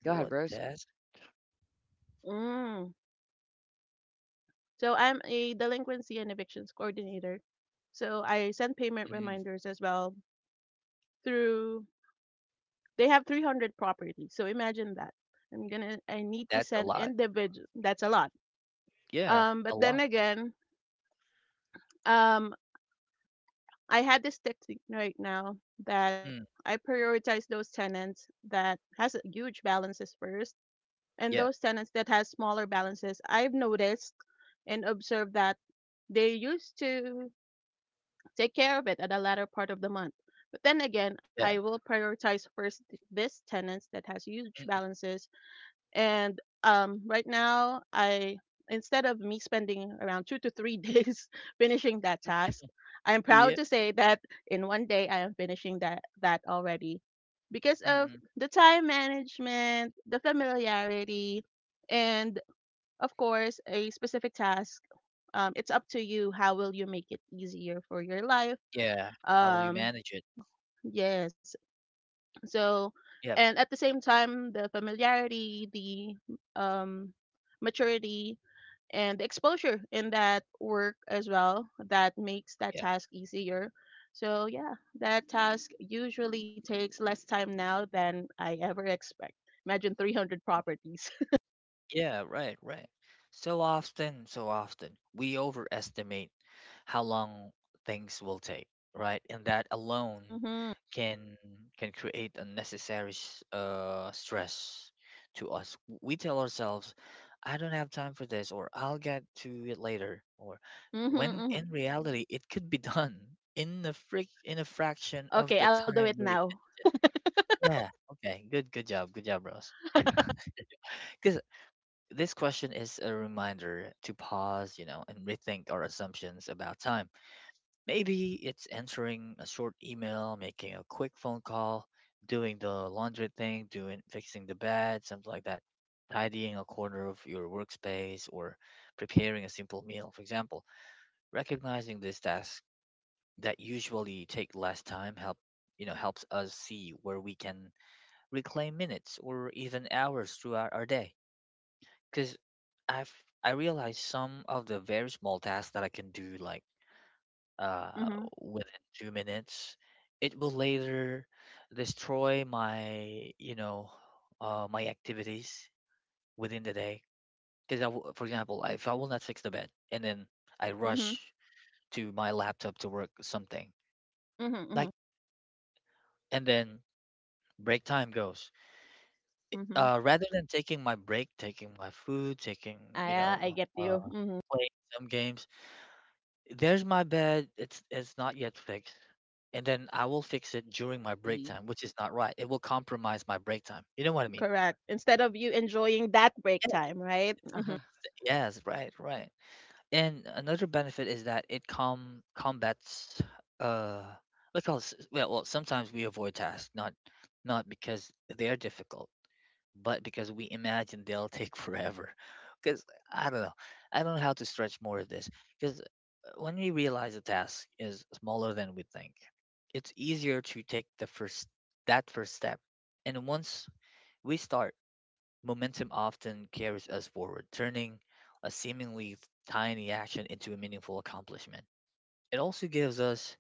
Speaker 1: Go ahead,
Speaker 2: What
Speaker 1: Rose.
Speaker 2: that?
Speaker 3: Mm. So I'm a delinquency and evictions coordinator. So I send payment
Speaker 2: Mm,
Speaker 3: reminders as well through. They have 300 properties. So imagine that. I'm gonna. I need to
Speaker 2: that's a
Speaker 3: send
Speaker 2: lot.
Speaker 3: individual. That's a lot.
Speaker 2: Yeah,
Speaker 3: Um, but
Speaker 2: a
Speaker 3: then
Speaker 2: lot.
Speaker 3: again, um, I had this technique right now that
Speaker 2: Mm,
Speaker 3: I prioritize those tenants that has huge balances first, and
Speaker 2: yeah.
Speaker 3: those tenants that has smaller balances. I've noticed and observed that they used to take care of it at the latter part of the month. But then again, I
Speaker 2: Yeah.
Speaker 3: will prioritize this tenants that has huge
Speaker 2: Mm-mm.
Speaker 3: balances and right now, I instead of me spending around two to three days finishing that
Speaker 1: Mhm.
Speaker 3: task, I am proud
Speaker 2: Yeah.
Speaker 3: to say that in 1 day I am finishing that already because of the time management, the familiarity, and of course a specific task. It's up to you. How will you make it easier for your life?
Speaker 2: Yeah, how will you
Speaker 3: Um,
Speaker 2: manage it?
Speaker 3: yes, so,
Speaker 2: Yep,
Speaker 3: and at the same time, the familiarity, the maturity, and the exposure in that work as well that makes that
Speaker 2: yeah.
Speaker 3: task easier. So, yeah, that task usually takes less time now than I ever expect. Imagine 300 properties.
Speaker 2: Yeah, right, right. So often we overestimate how long things will take, right? And that alone
Speaker 3: mm-hmm,
Speaker 2: can can create unnecessary stress to us. We tell ourselves, I don't have time for this, or I'll get to it later, or when
Speaker 3: mm-hmm, hmm
Speaker 2: in reality it could be done in a frick in a fraction of the
Speaker 3: Okay, I'll do
Speaker 2: time
Speaker 3: it
Speaker 2: we...
Speaker 3: now.
Speaker 2: Yeah, okay. Good good job. Good job, Ross. Because this question is a reminder to pause, you know, and rethink our assumptions about time. Maybe it's answering a short email, making a quick phone call, doing the laundry thing, doing, fixing the bed, something like that, tidying a corner of your workspace, or preparing a simple meal, for example. Recognizing these tasks that usually take less time help, you know, helps us see where we can reclaim minutes or even hours throughout our day. Because I've, I realized some of the very small tasks that I can do, like, uh
Speaker 3: Mm-hmm,
Speaker 2: within 2 minutes, it will later destroy my, you know, my activities within the day. Because I, for example, if I will not fix the bed and then I
Speaker 3: mm-hmm,
Speaker 2: rush to my laptop to work something,
Speaker 3: mm-hmm,
Speaker 2: like,
Speaker 3: mm-hmm,
Speaker 2: and then break time goes.
Speaker 3: mm-hmm.
Speaker 2: Rather than taking my break, taking my food, taking,
Speaker 3: Ah,
Speaker 2: you
Speaker 3: yeah, I
Speaker 2: know,
Speaker 3: get you. Mm-hmm,
Speaker 2: playing some games... There's my bed. It's not yet fixed. And then I will fix it during my break
Speaker 1: Mhm.
Speaker 2: time, which is not right. It will compromise my break time. You know what I mean?
Speaker 3: correct. Instead of you enjoying that break time, right?
Speaker 1: Uh-huh.
Speaker 2: Yes, right, right. And another benefit is that it combats, uh let's call it s- well, well, sometimes we avoid tasks, not not because they are difficult, but because we imagine they'll take forever. Because I don't know. I don't know how to stretch more of this. Because when we realize a task is smaller than we think, it's easier to take the first that first step. And once we start, momentum often carries us forward, turning a seemingly tiny action into a meaningful accomplishment. It also gives us,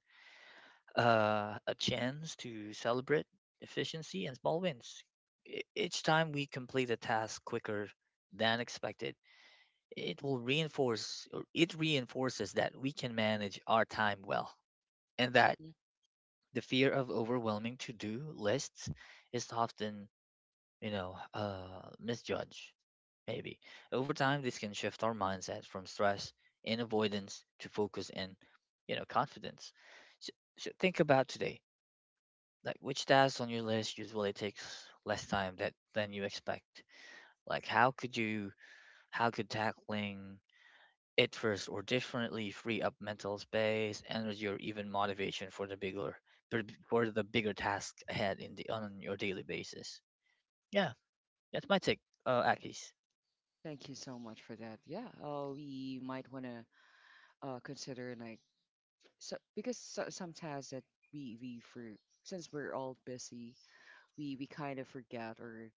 Speaker 2: a chance to celebrate efficiency and small wins. Each time we complete a task quicker than expected, it will reinforce, or it reinforces that we can manage our time well, and that...
Speaker 1: Mhm.
Speaker 2: The fear of overwhelming to-do lists is often, you know, misjudged, maybe. Over time, this can shift our mindset from stress and avoidance to focus and, you know, confidence. So, so think about today, like, which tasks on your list usually takes less time that than you expect. Like how could you, how could tackling it first or differently free up mental space, energy, or even motivation for the bigger task ahead in the, on your daily basis. Yeah, that's my take, Akis.
Speaker 1: Thank you so much for that. Yeah, we might want to consider like so because so, sometimes that we for since we're all busy we kind of forget or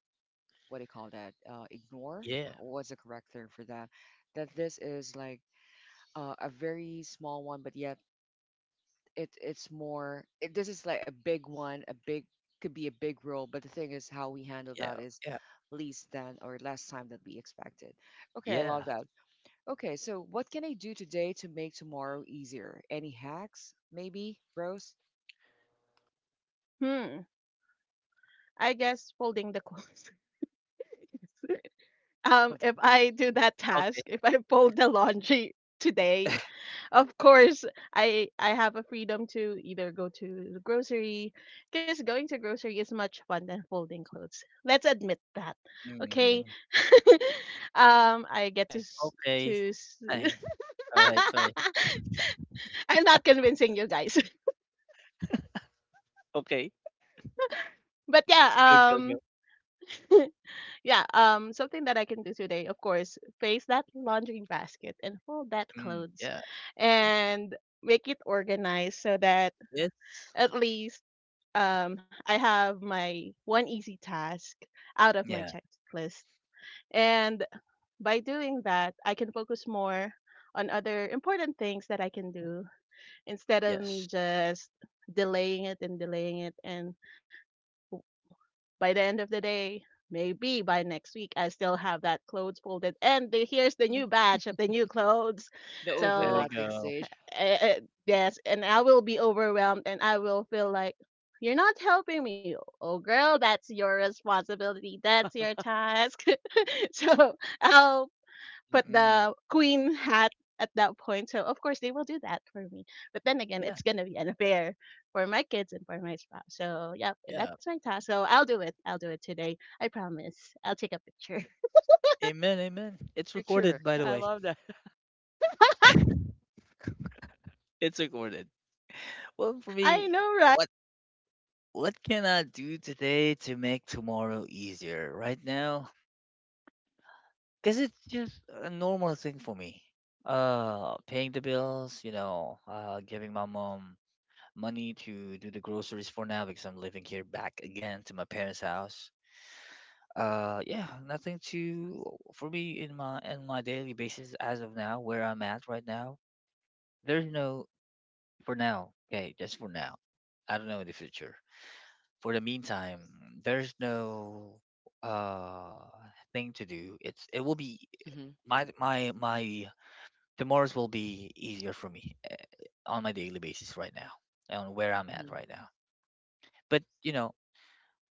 Speaker 1: what do you call that ignore
Speaker 2: Yeah,
Speaker 1: what's the correct term for that that this is like a very small one but yet it it's more it, this is like a big one a big could be a big role but the thing is how we handle
Speaker 2: yeah,
Speaker 1: that is
Speaker 2: yeah,
Speaker 1: least than or less time than we expected okay I love
Speaker 2: yeah.
Speaker 1: that okay so what can I do today to make tomorrow easier any hacks maybe rose
Speaker 3: Hmm, I guess folding the clothes.
Speaker 1: I love
Speaker 3: If I do that
Speaker 2: Okay.
Speaker 3: task, if I fold the laundry today, of course I have a freedom to either go to the grocery, because going to grocery is much fun than folding clothes. Let's admit that, okay?
Speaker 1: Mhm.
Speaker 2: Mhm.
Speaker 3: I get
Speaker 1: Okay.
Speaker 2: Okay.
Speaker 3: to. S-
Speaker 2: Hi. All right. Sorry.
Speaker 3: I'm not convincing you guys,
Speaker 2: Okay,
Speaker 3: but yeah.
Speaker 2: go, go, go.
Speaker 3: um, Yeah, something that I can do today, of course, face that laundry basket and fold that
Speaker 2: Mm,
Speaker 3: clothes
Speaker 2: yeah.
Speaker 3: and make it organized so that
Speaker 2: It's...
Speaker 3: at least I have my one easy task out of my
Speaker 2: yeah.
Speaker 3: checklist. And by doing that, I can focus more on other important things that I can do instead of
Speaker 2: Yes.
Speaker 3: me just delaying it and by the end of the day, maybe by next week, I still have that clothes folded. And here's the new
Speaker 1: Mhm.
Speaker 3: batch of the new clothes.
Speaker 1: The
Speaker 2: Yeah, there we
Speaker 3: So,
Speaker 1: overlapping
Speaker 2: go.
Speaker 1: stage.
Speaker 3: uh, uh, yes, and I will be overwhelmed and I will feel like, you're not helping me. Oh, girl, that's your responsibility. That's your task. So I'll put
Speaker 2: Mm-mm.
Speaker 3: the queen hat at that point. So of course they will do that for me. But then again,
Speaker 2: Yeah.
Speaker 3: it's gonna be unfair for my kids and for my spouse. So yeah,
Speaker 2: Yeah.
Speaker 3: that's my task. So I'll do it. I'll do it today. I promise. I'll take a picture.
Speaker 2: Amen. Amen. It's recorded,
Speaker 1: Picture.
Speaker 2: by the
Speaker 1: I
Speaker 2: way.
Speaker 1: love that.
Speaker 2: It's recorded. Well, for
Speaker 3: I
Speaker 2: me,
Speaker 3: know, right?
Speaker 2: what what can I do today to make tomorrow easier? Right now, because it's just a normal thing for me. Paying the bills, giving my mom money to do the groceries for now because I'm living here back again to my parents' house. Yeah, nothing to for me in my daily basis as of now, where I'm at right now. There's no for now. Okay, just for now. I don't know in the future. For the meantime, there's no uh thing to do. It will be
Speaker 1: Mhm.
Speaker 2: my tomorrow's will be easier for me on my daily basis right now on where I'm at
Speaker 1: Mhm.
Speaker 2: right now. But you know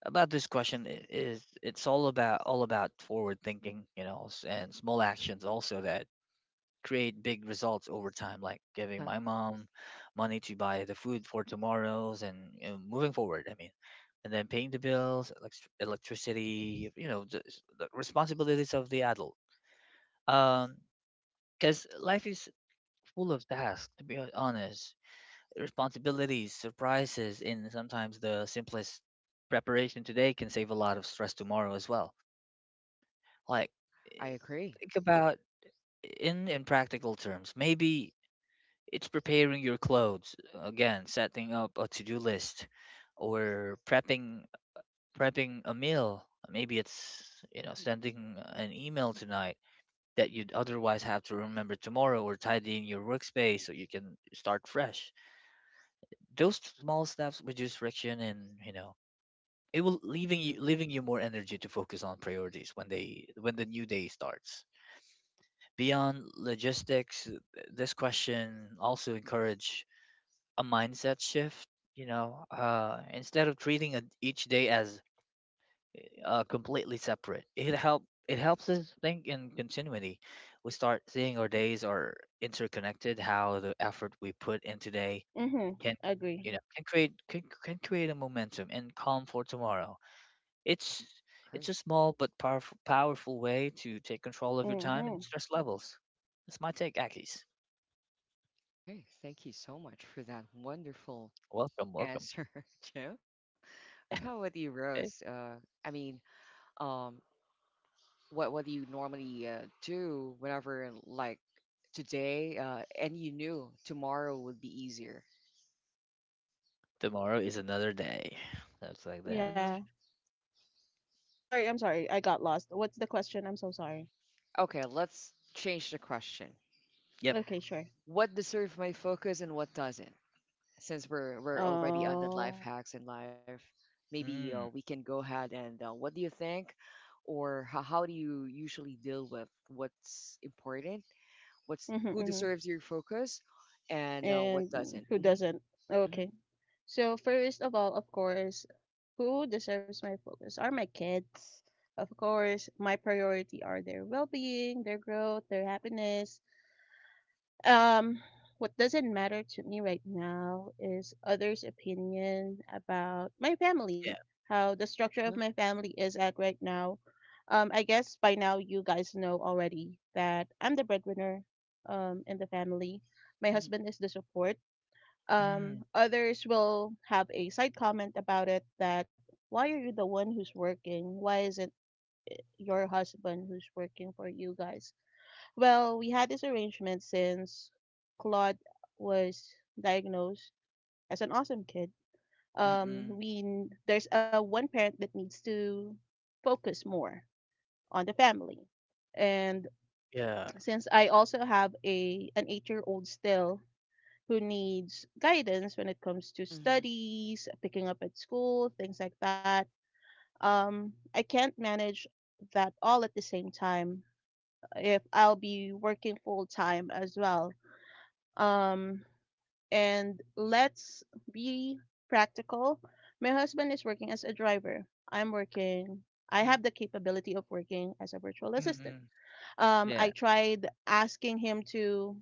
Speaker 2: about this question is it's all about forward thinking, you know, and small actions also that create big results over time, like giving
Speaker 1: Uh-huh.
Speaker 2: my mom money to buy the food for tomorrow's and you know, moving forward. I mean, and then paying the bills, electricity, you know, the responsibilities of the adult. Um, because life is full of tasks, to be honest, responsibilities, surprises, and sometimes the simplest preparation today can save a lot of stress tomorrow as well. Like,
Speaker 1: I
Speaker 2: eh,
Speaker 1: agree.
Speaker 2: think about in practical terms, maybe it's preparing your clothes, again, setting up a to-do list or prepping a meal. Maybe it's, you know, sending an email tonight that you'd otherwise have to remember tomorrow or tidying your workspace so you can start fresh. Those small steps reduce friction and, you know, it will
Speaker 1: Mhm.
Speaker 2: leaving you more energy to focus on priorities when the new day starts. Beyond logistics, this question also encourage a mindset shift, you know. Instead of treating each day as completely separate, it helps us think in continuity. We start seeing our
Speaker 1: Mhm.
Speaker 2: days are interconnected, how the effort we put in today
Speaker 3: Mhm.
Speaker 2: can,
Speaker 3: Agree.
Speaker 2: you know, can create, can create a momentum and calm for tomorrow.
Speaker 1: Yeah,
Speaker 2: it's it's
Speaker 1: agree.
Speaker 2: a small but powerful way to take control of your time and
Speaker 3: Mhm.
Speaker 2: stress levels. That's my take, Akis.
Speaker 1: Okay, thank you so much for that wonderful
Speaker 2: Welcome.
Speaker 1: answer, Joe. But how about you,
Speaker 2: Eh,
Speaker 1: Rose? I mean, um, what do you normally do whenever like today, and you knew tomorrow would be easier?
Speaker 2: Tomorrow is another day,
Speaker 1: Mhm.
Speaker 2: that's like that.
Speaker 3: Yeah. I'm sorry. I'm sorry. I got lost. What's the question? I'm so sorry.
Speaker 1: Okay, let's change the question.
Speaker 2: Yep.
Speaker 3: Okay, sure.
Speaker 1: What deserves my focus and what doesn't? Since we're already on the life
Speaker 3: Oh.
Speaker 1: hacks in life, maybe we
Speaker 2: Mm.
Speaker 1: can go ahead and what do you think, or how do you usually deal with what's important, what's
Speaker 3: Mhm.
Speaker 1: who
Speaker 3: Mhm.
Speaker 1: deserves your focus, and what
Speaker 3: And
Speaker 1: doesn't?
Speaker 3: who
Speaker 1: Hmm.
Speaker 3: doesn't?
Speaker 1: Hmm.
Speaker 3: Okay. So first of all, of course, who deserves my focus are my kids. Of course, my priority are their well-being, their growth, their happiness. Um, what doesn't matter to me right now is others' opinion about my
Speaker 2: Yeah.
Speaker 3: family, how the structure of
Speaker 1: Uh-huh.
Speaker 3: my family is at right now. I guess by now you guys know already that I'm the breadwinner in the family. My
Speaker 1: Hmm.
Speaker 3: husband is the support
Speaker 2: Mm.
Speaker 3: others will have a side comment about it that why are you the one who's working? Why isn't your husband who's working for you guys? Well, we had this arrangement since Claude was diagnosed as an awesome kid.
Speaker 2: Mm-mm.
Speaker 3: There's a one parent that needs to focus more on the family, and
Speaker 2: Yeah.
Speaker 3: since I also have a an 8 year old still who needs guidance when it comes to
Speaker 1: Hmm.
Speaker 3: studies, picking up at school, things like that. I can't manage that all at the same time if I'll be working full time as well. Um, and let's be practical. My husband is working as a driver. I'm working. I
Speaker 1: Hmm.
Speaker 3: have the capability of working as a virtual
Speaker 1: Hmm.
Speaker 3: assistant.
Speaker 2: Mm-mm.
Speaker 3: I
Speaker 2: Yeah.
Speaker 3: tried asking him to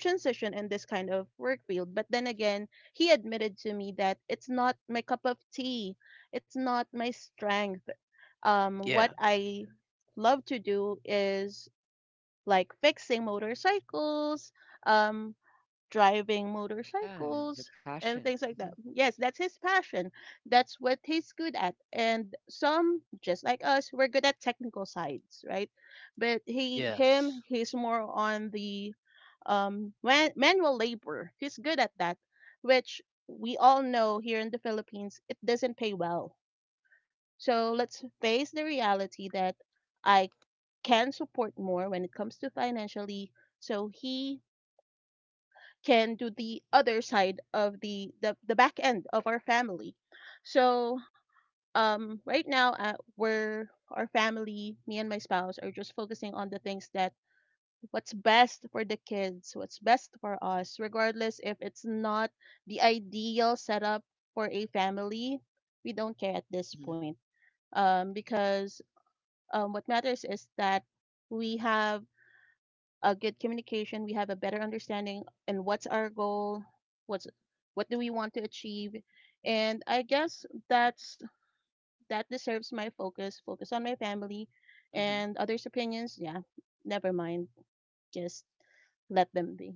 Speaker 3: transition in this kind of work field. But then again, he admitted to me that it's not my cup of tea, it's not my strength. What
Speaker 2: Yeah.
Speaker 3: I love to do is like fixing motorcycles, um, driving
Speaker 1: Yeah, the
Speaker 3: motorcycles, and
Speaker 1: passion.
Speaker 3: things like
Speaker 1: Hmm.
Speaker 3: that. Yes, that's his passion. That's what he's good at. And some, just like us, we're good at technical sides, right? But
Speaker 2: Yes.
Speaker 3: he's more on the manual labor. He's good at that, which we all know here in the Philippines it doesn't pay well. So let's face the reality that I can support more when it comes to financially so he can do the other side of the back end of our family. So right now, we're our family, me and my spouse are just focusing on the things that what's best for the kids, what's best for us, regardless if it's not the ideal setup for a family, we don't care at this
Speaker 1: Hmm.
Speaker 3: point. Because what matters is that we have a good communication, we have a better understanding and what's our goal, what's what do we want to achieve, and I guess that's that deserves my focus. Focus on my family,
Speaker 1: Hmm.
Speaker 3: and others' opinions, yeah, never mind. Just let them be.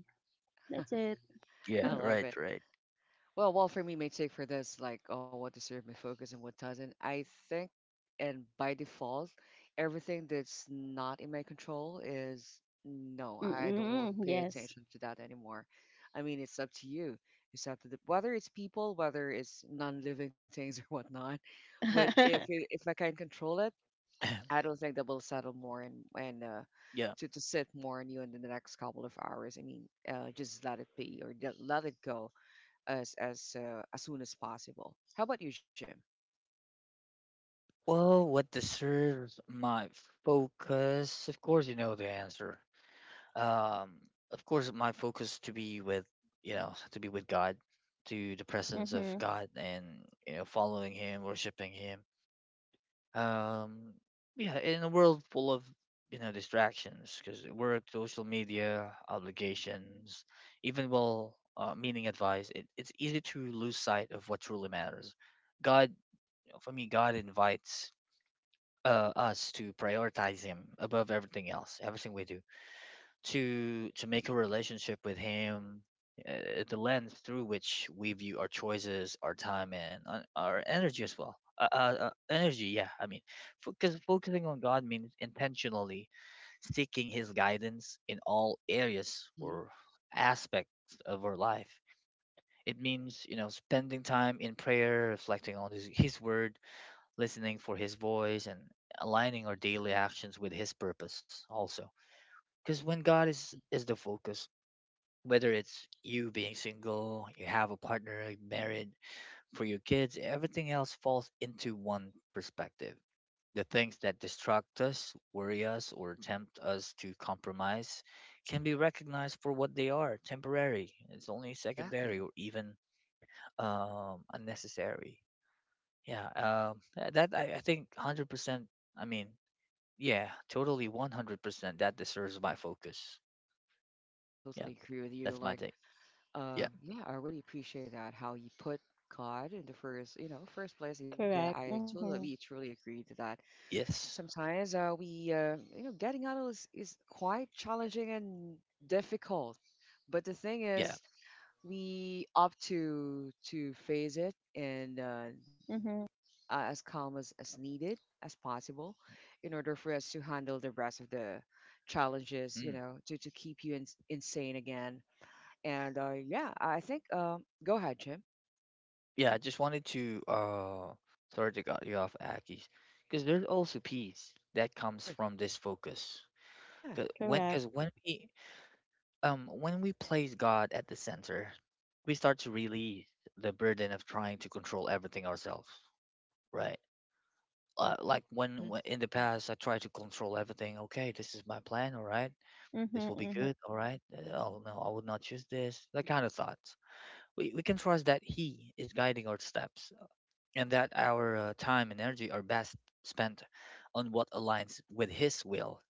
Speaker 3: That's it.
Speaker 2: Yeah.
Speaker 1: I
Speaker 3: Mhm.
Speaker 1: love
Speaker 2: Right.
Speaker 1: it.
Speaker 2: Right.
Speaker 1: Well, for me, my take for this, like, oh, what deserves my focus and what doesn't. I think, and by default, everything that's not in my control is no, I don't want to
Speaker 3: Mm-mm,
Speaker 1: pay
Speaker 3: yes.
Speaker 1: attention to that anymore. I mean, it's up to you. It's up to the, whether it's people, whether it's non-living things or whatnot. But if I can control it, I don't think that will settle more and
Speaker 2: Yeah.
Speaker 1: to sit more on you in the next couple of hours. I mean, just let it be or let let it go as as soon as possible. How about you, Jim?
Speaker 2: Well, what deserves my focus? Of course, you know the answer. Um, of course, my focus to be with, you know, to be with God, to the presence of
Speaker 3: Mm-hmm.
Speaker 2: God, and you know, following Him, worshiping Him. um yeah, in a world full of, you know, distractions, because work, social media, obligations, even well, meaning advice, it, it's easy to lose sight of what truly matters. God, for me, God invites us to prioritize Him above everything else, everything we do, to make a relationship with Him, the lens through which we view our choices, our time, and our energy as well, energy, yeah, I mean, because focusing on God means intentionally seeking His guidance in all areas
Speaker 1: Hmm.
Speaker 2: or aspects of our life. It means, you know, spending time in prayer, reflecting on His word, listening for His voice, and aligning our daily actions with His purpose also. Because when God
Speaker 1: Hmm.
Speaker 2: is the focus, whether it's you being single, you have a partner, you're married, for your kids, everything else falls into one perspective. The things that distract us, worry us, or tempt us to compromise can be recognized for what they are: temporary. It's only secondary
Speaker 1: Exactly.
Speaker 2: or even unnecessary. Yeah, that I think 100%. I mean, yeah, totally 100%. That deserves my focus. Yeah,
Speaker 1: Totally agree with you.
Speaker 2: that's my
Speaker 1: Like,
Speaker 2: take. Yeah,
Speaker 1: yeah, I really appreciate that how you put God in the first, you know, first place. Yeah, I
Speaker 3: Correct.
Speaker 1: totally,
Speaker 3: Mm-hmm.
Speaker 1: truly agree to that.
Speaker 2: yes,
Speaker 1: Sometimes you know, getting out of is quite challenging and difficult. But the thing
Speaker 2: yeah.
Speaker 1: is, we opt to face it and
Speaker 3: Mm-hmm.
Speaker 1: as calm as needed as possible in order for us to handle the rest of the challenges, you
Speaker 2: Mm.
Speaker 1: know, to keep you in, insane again. And yeah, I think, go ahead, Jim.
Speaker 2: Yeah, I just wanted to sorry to cut you off, Akis, because there's also peace that comes
Speaker 1: Sure.
Speaker 2: from this focus.
Speaker 1: Yeah.
Speaker 3: Correct.
Speaker 2: Because when we place God at the center, we start to release the burden of trying to control everything ourselves, right? Like when
Speaker 1: Hmm.
Speaker 2: in the past I tried to control everything. Okay, this is my plan. All right,
Speaker 3: Mm-hmm.
Speaker 2: this will be
Speaker 3: Mm-hmm.
Speaker 2: good. All right. Oh no, I would not choose this. That kind of thoughts. We can trust that He is guiding our steps and that our time and energy are best spent on what aligns with His will.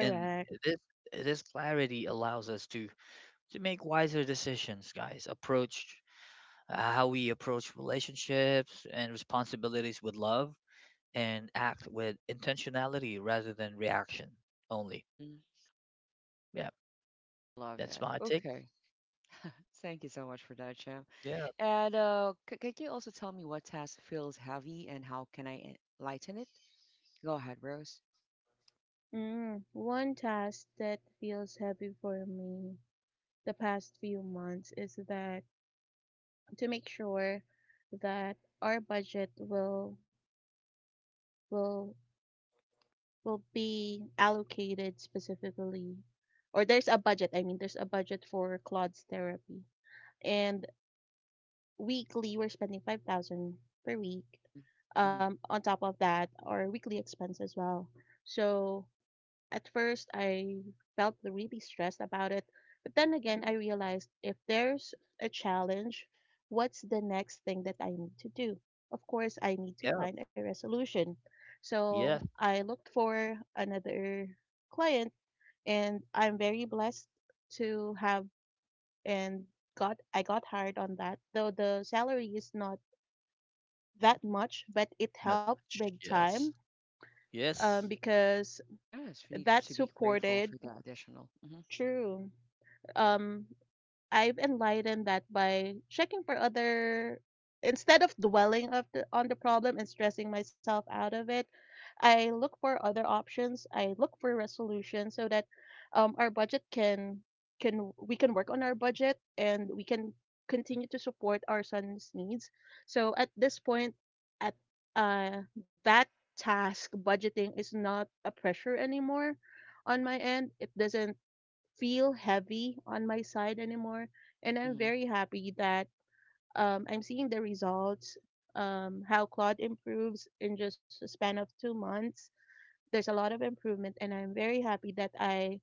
Speaker 2: And this this clarity allows us to make wiser decisions, guys. Approach, how we approach relationships and responsibilities with love, and act with intentionality rather than reaction only.
Speaker 1: Hmm.
Speaker 2: Yeah,
Speaker 1: I love
Speaker 2: that's
Speaker 1: that.
Speaker 2: my take.
Speaker 1: Okay. Thank you so much for that, Jim.
Speaker 2: Yeah,
Speaker 1: And could you also tell me what task feels heavy and how can lighten it? Go ahead, Rose.
Speaker 3: Mm. One task that feels heavy for me the past few months is that to make sure that our budget will will be allocated specifically or there's a budget, I mean there's a budget for Claude's therapy. And weekly we're spending 5,000 per week
Speaker 1: Hmm. Hmm.
Speaker 3: on top of that, our weekly expense as well. So at first, I felt really stressed about it. But then again, I realized if there's a challenge, what's the next thing that I need to do? Of course, I need to
Speaker 2: yeah,
Speaker 3: find a resolution. So
Speaker 2: yes,
Speaker 3: I looked for another client, and I'm very blessed to have and got I got hired on that. Though the salary is not that much, but it
Speaker 2: not
Speaker 3: helped
Speaker 2: much.
Speaker 3: big
Speaker 2: Yes,
Speaker 3: time
Speaker 2: yes,
Speaker 3: because
Speaker 1: Yes, we need
Speaker 3: that's
Speaker 1: to be grateful
Speaker 3: supported
Speaker 1: for the additional. Hmm.
Speaker 3: True. um, I've enlightened that by checking for other instead of dwelling of on the problem and stressing myself out of it, I look for other options. I look for resolutions so that our budget can we can work on our budget and we can
Speaker 1: Hmm.
Speaker 3: continue to support our son's needs. So at this point, at uh, that task budgeting is not a pressure anymore on my end. It doesn't feel heavy on my side anymore. And I'm
Speaker 1: Hmm.
Speaker 3: very happy that I'm seeing the results, how Claude improves in just a span of 2 months. There's a lot of improvement, and I'm very happy that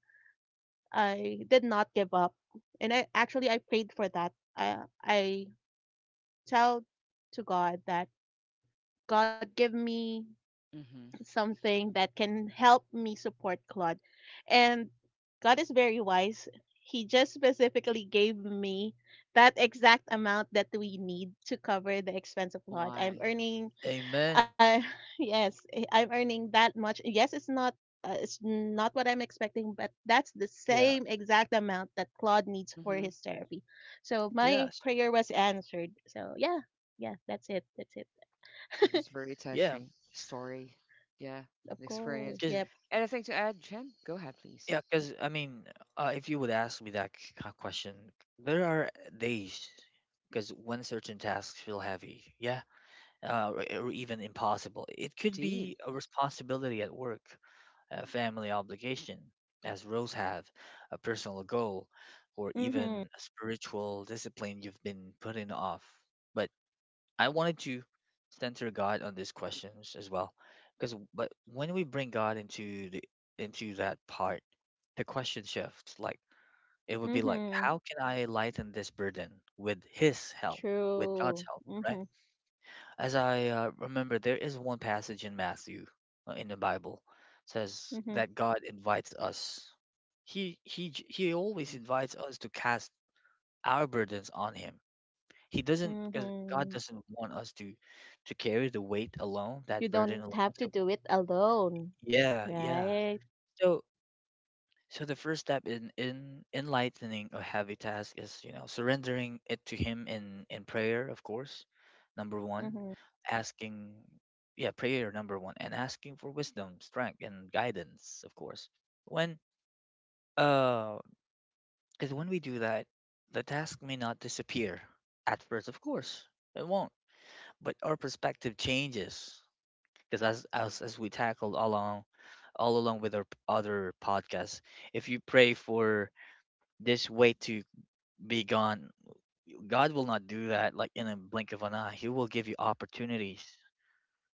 Speaker 3: I did not give up. And I prayed for that. I tell to God that God give me
Speaker 1: Hmm.
Speaker 3: something that can help me support Claude. And God is very wise. He just specifically gave me that exact amount that we need to cover the expense of
Speaker 1: Oh
Speaker 3: Claude.
Speaker 1: my.
Speaker 2: amen.
Speaker 3: Uh, yes, eh, I'm earning that much. Yes, it's not. It's not what I'm expecting, but that's the
Speaker 2: Yeah,
Speaker 3: same exact amount that Claude needs for
Speaker 1: Mm-hmm.
Speaker 3: his therapy. So my
Speaker 2: yes,
Speaker 3: prayer was answered. So yeah, yeah, that's it. That's
Speaker 1: That
Speaker 3: it.
Speaker 1: was very
Speaker 2: yeah.
Speaker 1: touching story. Yeah,
Speaker 3: Of
Speaker 1: an
Speaker 3: course.
Speaker 1: experience.
Speaker 3: Yep.
Speaker 2: Because.
Speaker 1: Anything to add, Jen? Go ahead, please.
Speaker 2: Yeah, because I mean, if you would ask me that question, there are days because when certain tasks feel heavy, yeah, or even impossible. It could
Speaker 1: Indeed.
Speaker 2: be a responsibility at work, a family obligation, as Rose have, a personal goal, or
Speaker 3: Mm-hmm.
Speaker 2: even a spiritual discipline you've been putting off. But I wanted to center God on these questions as well, because but when we bring God into the into that part, the question shifts. Like it would be like,
Speaker 3: Mhm.
Speaker 2: how can I lighten this burden with His help, with God's
Speaker 3: True.
Speaker 2: help, right?
Speaker 3: Mhm.
Speaker 2: As I remember, there is one passage in Matthew in the Bible, says
Speaker 3: Mhm.
Speaker 2: that God invites us. He he always
Speaker 1: Mm-hmm.
Speaker 2: invites us to cast our burdens on Him. He doesn't, because God
Speaker 3: Mhm.
Speaker 2: doesn't want us to carry the weight alone, that
Speaker 3: You don't
Speaker 2: burden
Speaker 3: have to
Speaker 2: alone. So
Speaker 3: do it alone,
Speaker 2: yeah, yeah.
Speaker 3: right?
Speaker 2: So so the first step in enlightening a heavy task is, you know, surrendering it to Him in prayer, of course. Number one,
Speaker 3: Mhm.
Speaker 2: asking, yeah, prayer number one, and asking for wisdom, strength, and guidance, of course. When uh, because when we do that, the task may not disappear at first, of course. It won't, but our perspective changes because as we tackled along, all along with our other podcasts, if you pray for this weight to be gone, God will not do that like in a blink of an eye. He will give you opportunities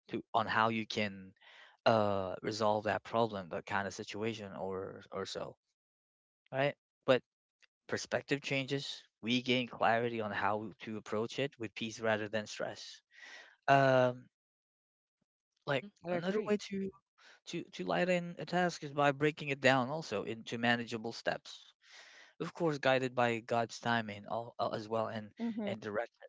Speaker 2: to on how you can resolve that problem, that kind of situation, or so, right? But perspective changes, we gain clarity on how to approach it with peace rather than stress. um like
Speaker 1: Mm-hmm. I
Speaker 2: another way
Speaker 1: agree.
Speaker 2: to lighten a task is by breaking it down also into manageable steps. Of course, guided by God's timing all, as well
Speaker 3: Mhm.
Speaker 2: and direction.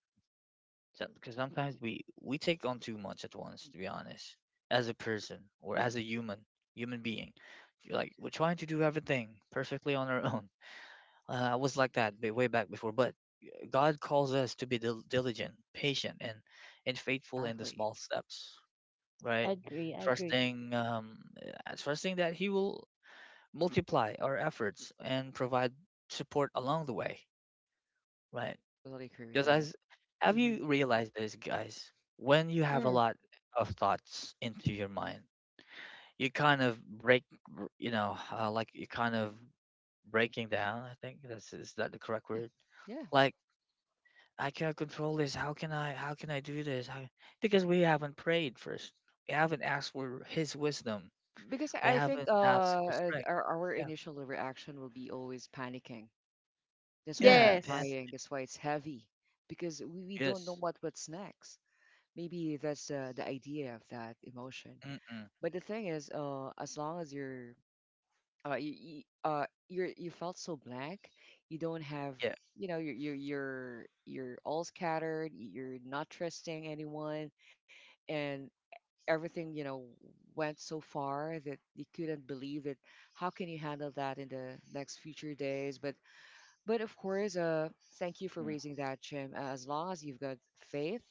Speaker 2: So- Because sometimes we take on too much at once, to be honest, as a person or as a human being. You're like we're trying to do everything perfectly on our own. I was like that way back before, but God calls us to be diligent, patient, and faithful in the
Speaker 1: Exactly.
Speaker 2: small steps, right?
Speaker 3: Agree. Agree.
Speaker 2: Trusting, trusting that He will multiply our efforts and provide support along the way, right?
Speaker 1: Totally agree with
Speaker 2: Because
Speaker 1: that.
Speaker 2: as have
Speaker 1: Mm-hmm.
Speaker 2: you realized this, guys? When you
Speaker 3: Mm.
Speaker 2: have a lot of thoughts into your mind, you kind of break, you know, like you kind of breaking down. I think that's is that the correct
Speaker 1: Yeah.
Speaker 2: word?
Speaker 1: Yeah.
Speaker 2: Like I can't control this. How can I? How can I do this? How, because we haven't prayed first. We haven't asked for His wisdom.
Speaker 1: Because
Speaker 2: We
Speaker 1: I think
Speaker 2: haven't asked for strength.
Speaker 1: our
Speaker 2: Yeah.
Speaker 1: initial reaction will be always panicking. That's why we're
Speaker 2: Yeah.
Speaker 3: Yes.
Speaker 2: Pan-
Speaker 1: crying. That's why it's heavy. Because we don't know
Speaker 2: yes.
Speaker 1: what, what's next. Maybe that's the idea of that emotion.
Speaker 2: Mm-mm.
Speaker 1: But the thing is, as long as you're you're you felt so blank. You don't have
Speaker 2: Yeah.
Speaker 1: you know You're all scattered. You're not trusting anyone, and everything you know went so far that you couldn't believe it. How can you handle that in the next future days? But of course, thank you for
Speaker 2: Mm.
Speaker 1: raising that, Jim. As long as you've got faith.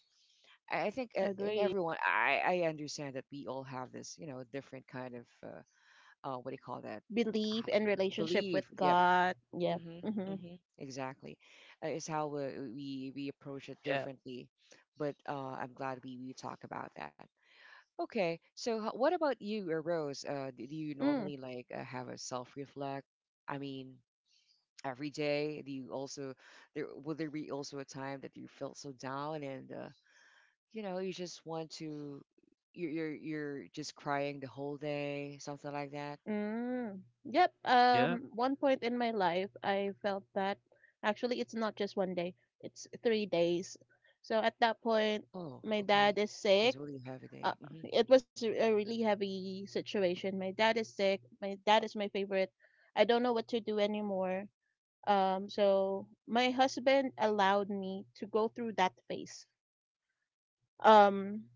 Speaker 1: I think in
Speaker 3: Agree.
Speaker 1: everyone, I understand that we all have this, you know, different kind of what do you call that?
Speaker 3: Belief and relationship with
Speaker 1: Believe. Yep,
Speaker 3: God. Yep.
Speaker 1: mm-hmm,
Speaker 3: Mhm.
Speaker 1: mm-hmm, exactly. It's how we approach it
Speaker 2: Yeah,
Speaker 1: differently, but I'm glad we talk about that. Okay, so what about you, Rose? Do you
Speaker 3: Mm.
Speaker 1: normally like have a self-reflect? I mean, every day. Do you also there be also a time that you felt so down and you just want to you're just crying the whole day, something like that?
Speaker 3: Mm. Yep.
Speaker 2: yeah,
Speaker 3: One point in my life, I felt that actually it's not just 1 day. It's 3 days. So at that point,
Speaker 1: Oh,
Speaker 3: my
Speaker 1: okay.
Speaker 3: dad is
Speaker 1: Was
Speaker 3: sick
Speaker 1: a really heavy day.
Speaker 3: uh,
Speaker 1: Mm-hmm,
Speaker 3: it was a really heavy situation. My dad is sick. My dad is my favorite. I don't know what to do anymore. So my husband allowed me to go through that phase. Um,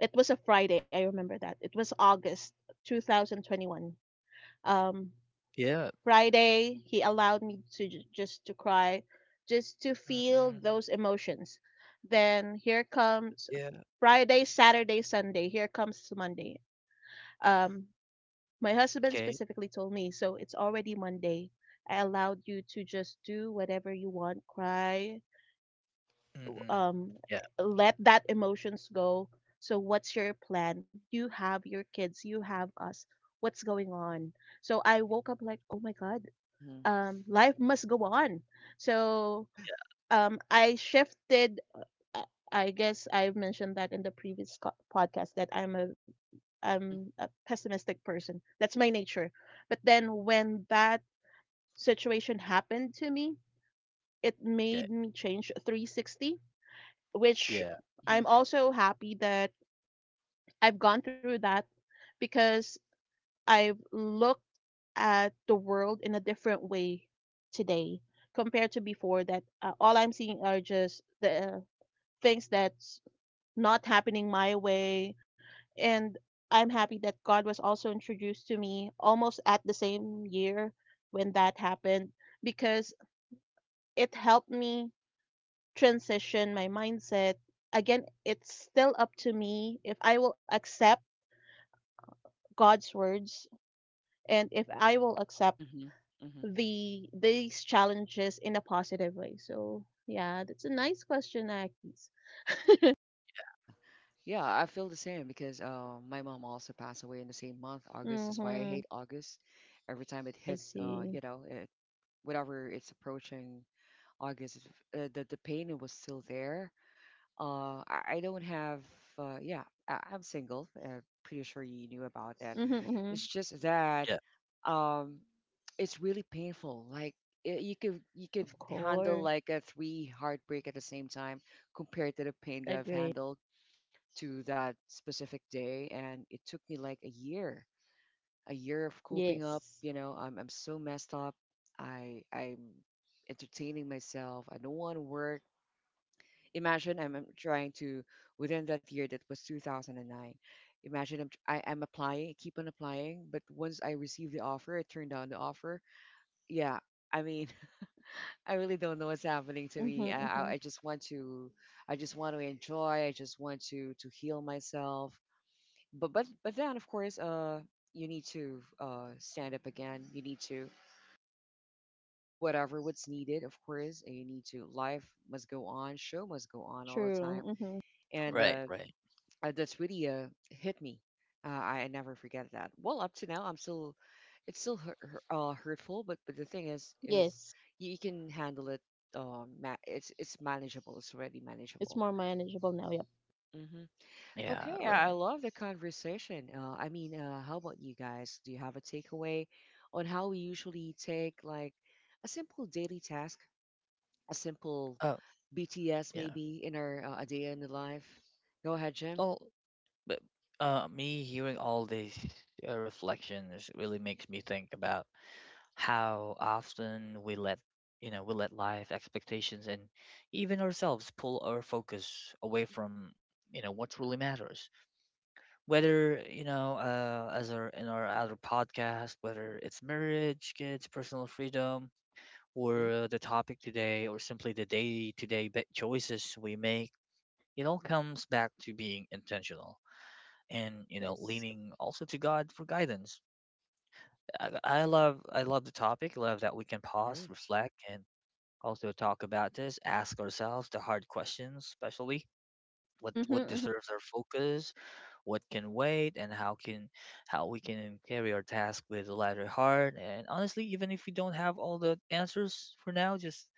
Speaker 3: it was a Friday. I remember that. It was August 2021. Um,
Speaker 2: yeah.
Speaker 3: Friday, he allowed me to just to cry, just to feel
Speaker 2: Mm-mm.
Speaker 3: those emotions. Then here comes
Speaker 2: Yeah,
Speaker 3: Friday, Saturday, Sunday. Here comes Monday.
Speaker 1: mm-hmm,
Speaker 3: Um, My husband
Speaker 2: okay.
Speaker 3: specifically told me, so it's already Monday. I allowed you to just do whatever you want, cry,
Speaker 2: Mm-mm.
Speaker 3: um,
Speaker 2: Yeah,
Speaker 3: let that emotions go. So what's your plan? You have your kids, you have us. What's going on? So I woke up like, oh my God,
Speaker 1: mm-hmm.
Speaker 3: life must go on. So
Speaker 1: Yeah.
Speaker 3: um, I shifted I I guess I mentioned that in the previous podcast that I'm a pessimistic person. That's my nature. But then when that situation happened to me, it
Speaker 2: okay.
Speaker 3: made me change 360, which
Speaker 2: Yeah,
Speaker 1: Mhm.
Speaker 3: I'm also happy that I've gone through that because I've looked at the world in a different way today compared to before that all I'm seeing are just the things that not happening my way. And I'm happy that God was also introduced to me almost at the same year when that happened because it helped me transition my mindset. Again, it's still up to me if I will accept God's words and if I will accept
Speaker 1: Mhm. Mhm.
Speaker 3: these challenges in a positive way. So yeah, that's a nice question, Akis.
Speaker 1: Yeah. Yeah, I feel the same because my mom also passed away in the same month, August. That's why I
Speaker 3: Mm-hmm.
Speaker 1: hate August. Every time it
Speaker 3: I
Speaker 1: hit,
Speaker 3: see.
Speaker 1: whenever it's approaching August, the pain was still there. I don't have. Yeah, I'm single. Pretty sure you knew about that.
Speaker 3: Mm-hmm, mm-hmm.
Speaker 1: It's just that
Speaker 2: yeah.
Speaker 1: um, it's really painful. Like you could
Speaker 3: Of
Speaker 1: handle
Speaker 3: course.
Speaker 1: like a three heartbreak at the same time compared to the pain that I've
Speaker 3: Agree.
Speaker 1: handled to that specific day, and it took me like a year of coping up.
Speaker 3: Yes.
Speaker 1: You know, I'm so messed up. I'm entertaining myself. I don't want to work imagine I'm trying to within that year that was 2009. Imagine I'm applying, keep on applying, but once I received the offer, I turned down the offer. Yeah, I mean, I really don't know what's happening to
Speaker 3: Mm-hmm,
Speaker 1: me. I, I
Speaker 3: mm-hmm.
Speaker 1: I just want I just want to enjoy. I just want to heal myself. But then of course, you need to stand up again. You need to do whatever what's needed, of course. And you need to life must go on, show must go on all the time
Speaker 3: True. Mm-hmm.
Speaker 1: and
Speaker 2: Right, right.
Speaker 1: that's really hit me. I never forget that. Well, up to now, I'm still, it's still hurt, hurtful, but the thing is
Speaker 3: Yes.
Speaker 1: you, you can handle it. It's manageable. It's already
Speaker 3: It's
Speaker 1: manageable.
Speaker 3: more manageable now. Yep.
Speaker 1: Hmm.
Speaker 2: Yeah,
Speaker 1: Okay, I
Speaker 2: right.
Speaker 1: love the conversation. I mean, how about you guys? Do you have a takeaway on how we usually take like a simple daily task, a simple
Speaker 2: Oh,
Speaker 1: BTS
Speaker 2: yeah.
Speaker 1: maybe in our a day in the life? Go ahead, Jim.
Speaker 2: Oh, but me hearing all these reflections really makes me think about how often we let, you know, we let life expectations and even ourselves pull our focus away from, you know, what truly matters. Whether, you know, as our in our other podcast, whether it's marriage, kids, personal freedom, or
Speaker 1: Hmm.
Speaker 2: the topic today, or simply the day to day choices we make, it all comes back to being intentional and, you know,
Speaker 3: Yes.
Speaker 2: leaning also to God for guidance. I love the topic. I love that we
Speaker 1: Great.
Speaker 2: can pause, reflect, and also talk about this, ask ourselves the hard questions, especially
Speaker 3: Mm-hmm,
Speaker 2: what
Speaker 3: mm-hmm.
Speaker 2: deserves our focus, what can wait, and how we can carry our task with a lighter heart. And honestly, even if we don't have all the answers for now,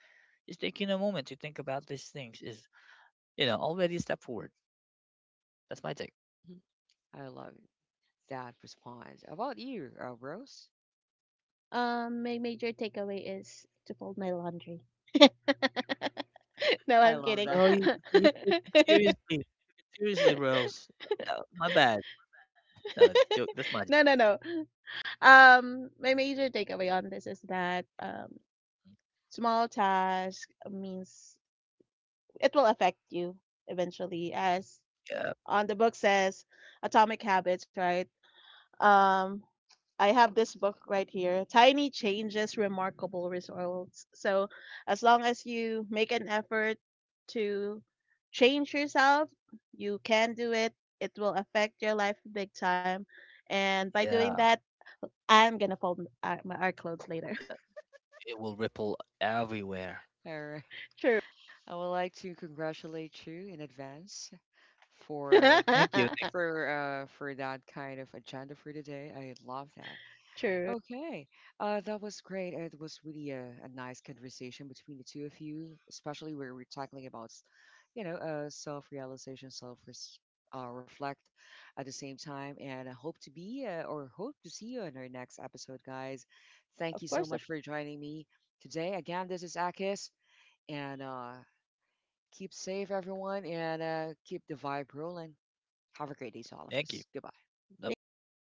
Speaker 2: just taking a moment to think about these things is, you know, already a step forward. That's my take.
Speaker 1: I love that response. How about you, Rose?
Speaker 3: My major takeaway is to fold my laundry. No,
Speaker 1: I
Speaker 3: I'm
Speaker 1: love
Speaker 3: kidding.
Speaker 1: that.
Speaker 2: Well, you took it seriously. You took it seriously, Rose. My bad. No, jo- that's my
Speaker 3: No, no, no. My major takeaway on this is that small task means it will affect you eventually, as
Speaker 2: yeah,
Speaker 3: on the book says, Atomic Habits, right? Um, I have this book right here, Tiny Changes, Remarkable Results. So, as long as you make an effort to change yourself, you can do it. It will affect your life big time. And by doing
Speaker 2: yeah,
Speaker 3: that, I'm going to fold my our clothes later.
Speaker 2: yeah. It will ripple everywhere.
Speaker 1: All right.
Speaker 3: True.
Speaker 1: I would like to congratulate you in advance for
Speaker 2: Thank you, thank,
Speaker 1: for that kind of agenda for today. I love that.
Speaker 3: True.
Speaker 1: Okay, that was great. It was really a nice conversation between the two of you, especially where we're tackling about, you know, self-realization, self reflect at the same time. And I hope to be or hope to see you in our next episode, guys. Thank you
Speaker 3: Of
Speaker 1: so
Speaker 3: course.
Speaker 1: much
Speaker 3: Of-
Speaker 1: for joining me today. Again, this is Akis, and keep safe, everyone, and keep the vibe rolling. Have a great day to all of
Speaker 2: Thank you.
Speaker 1: us. Goodbye.
Speaker 2: Bye
Speaker 3: Thank
Speaker 2: bye.
Speaker 3: you.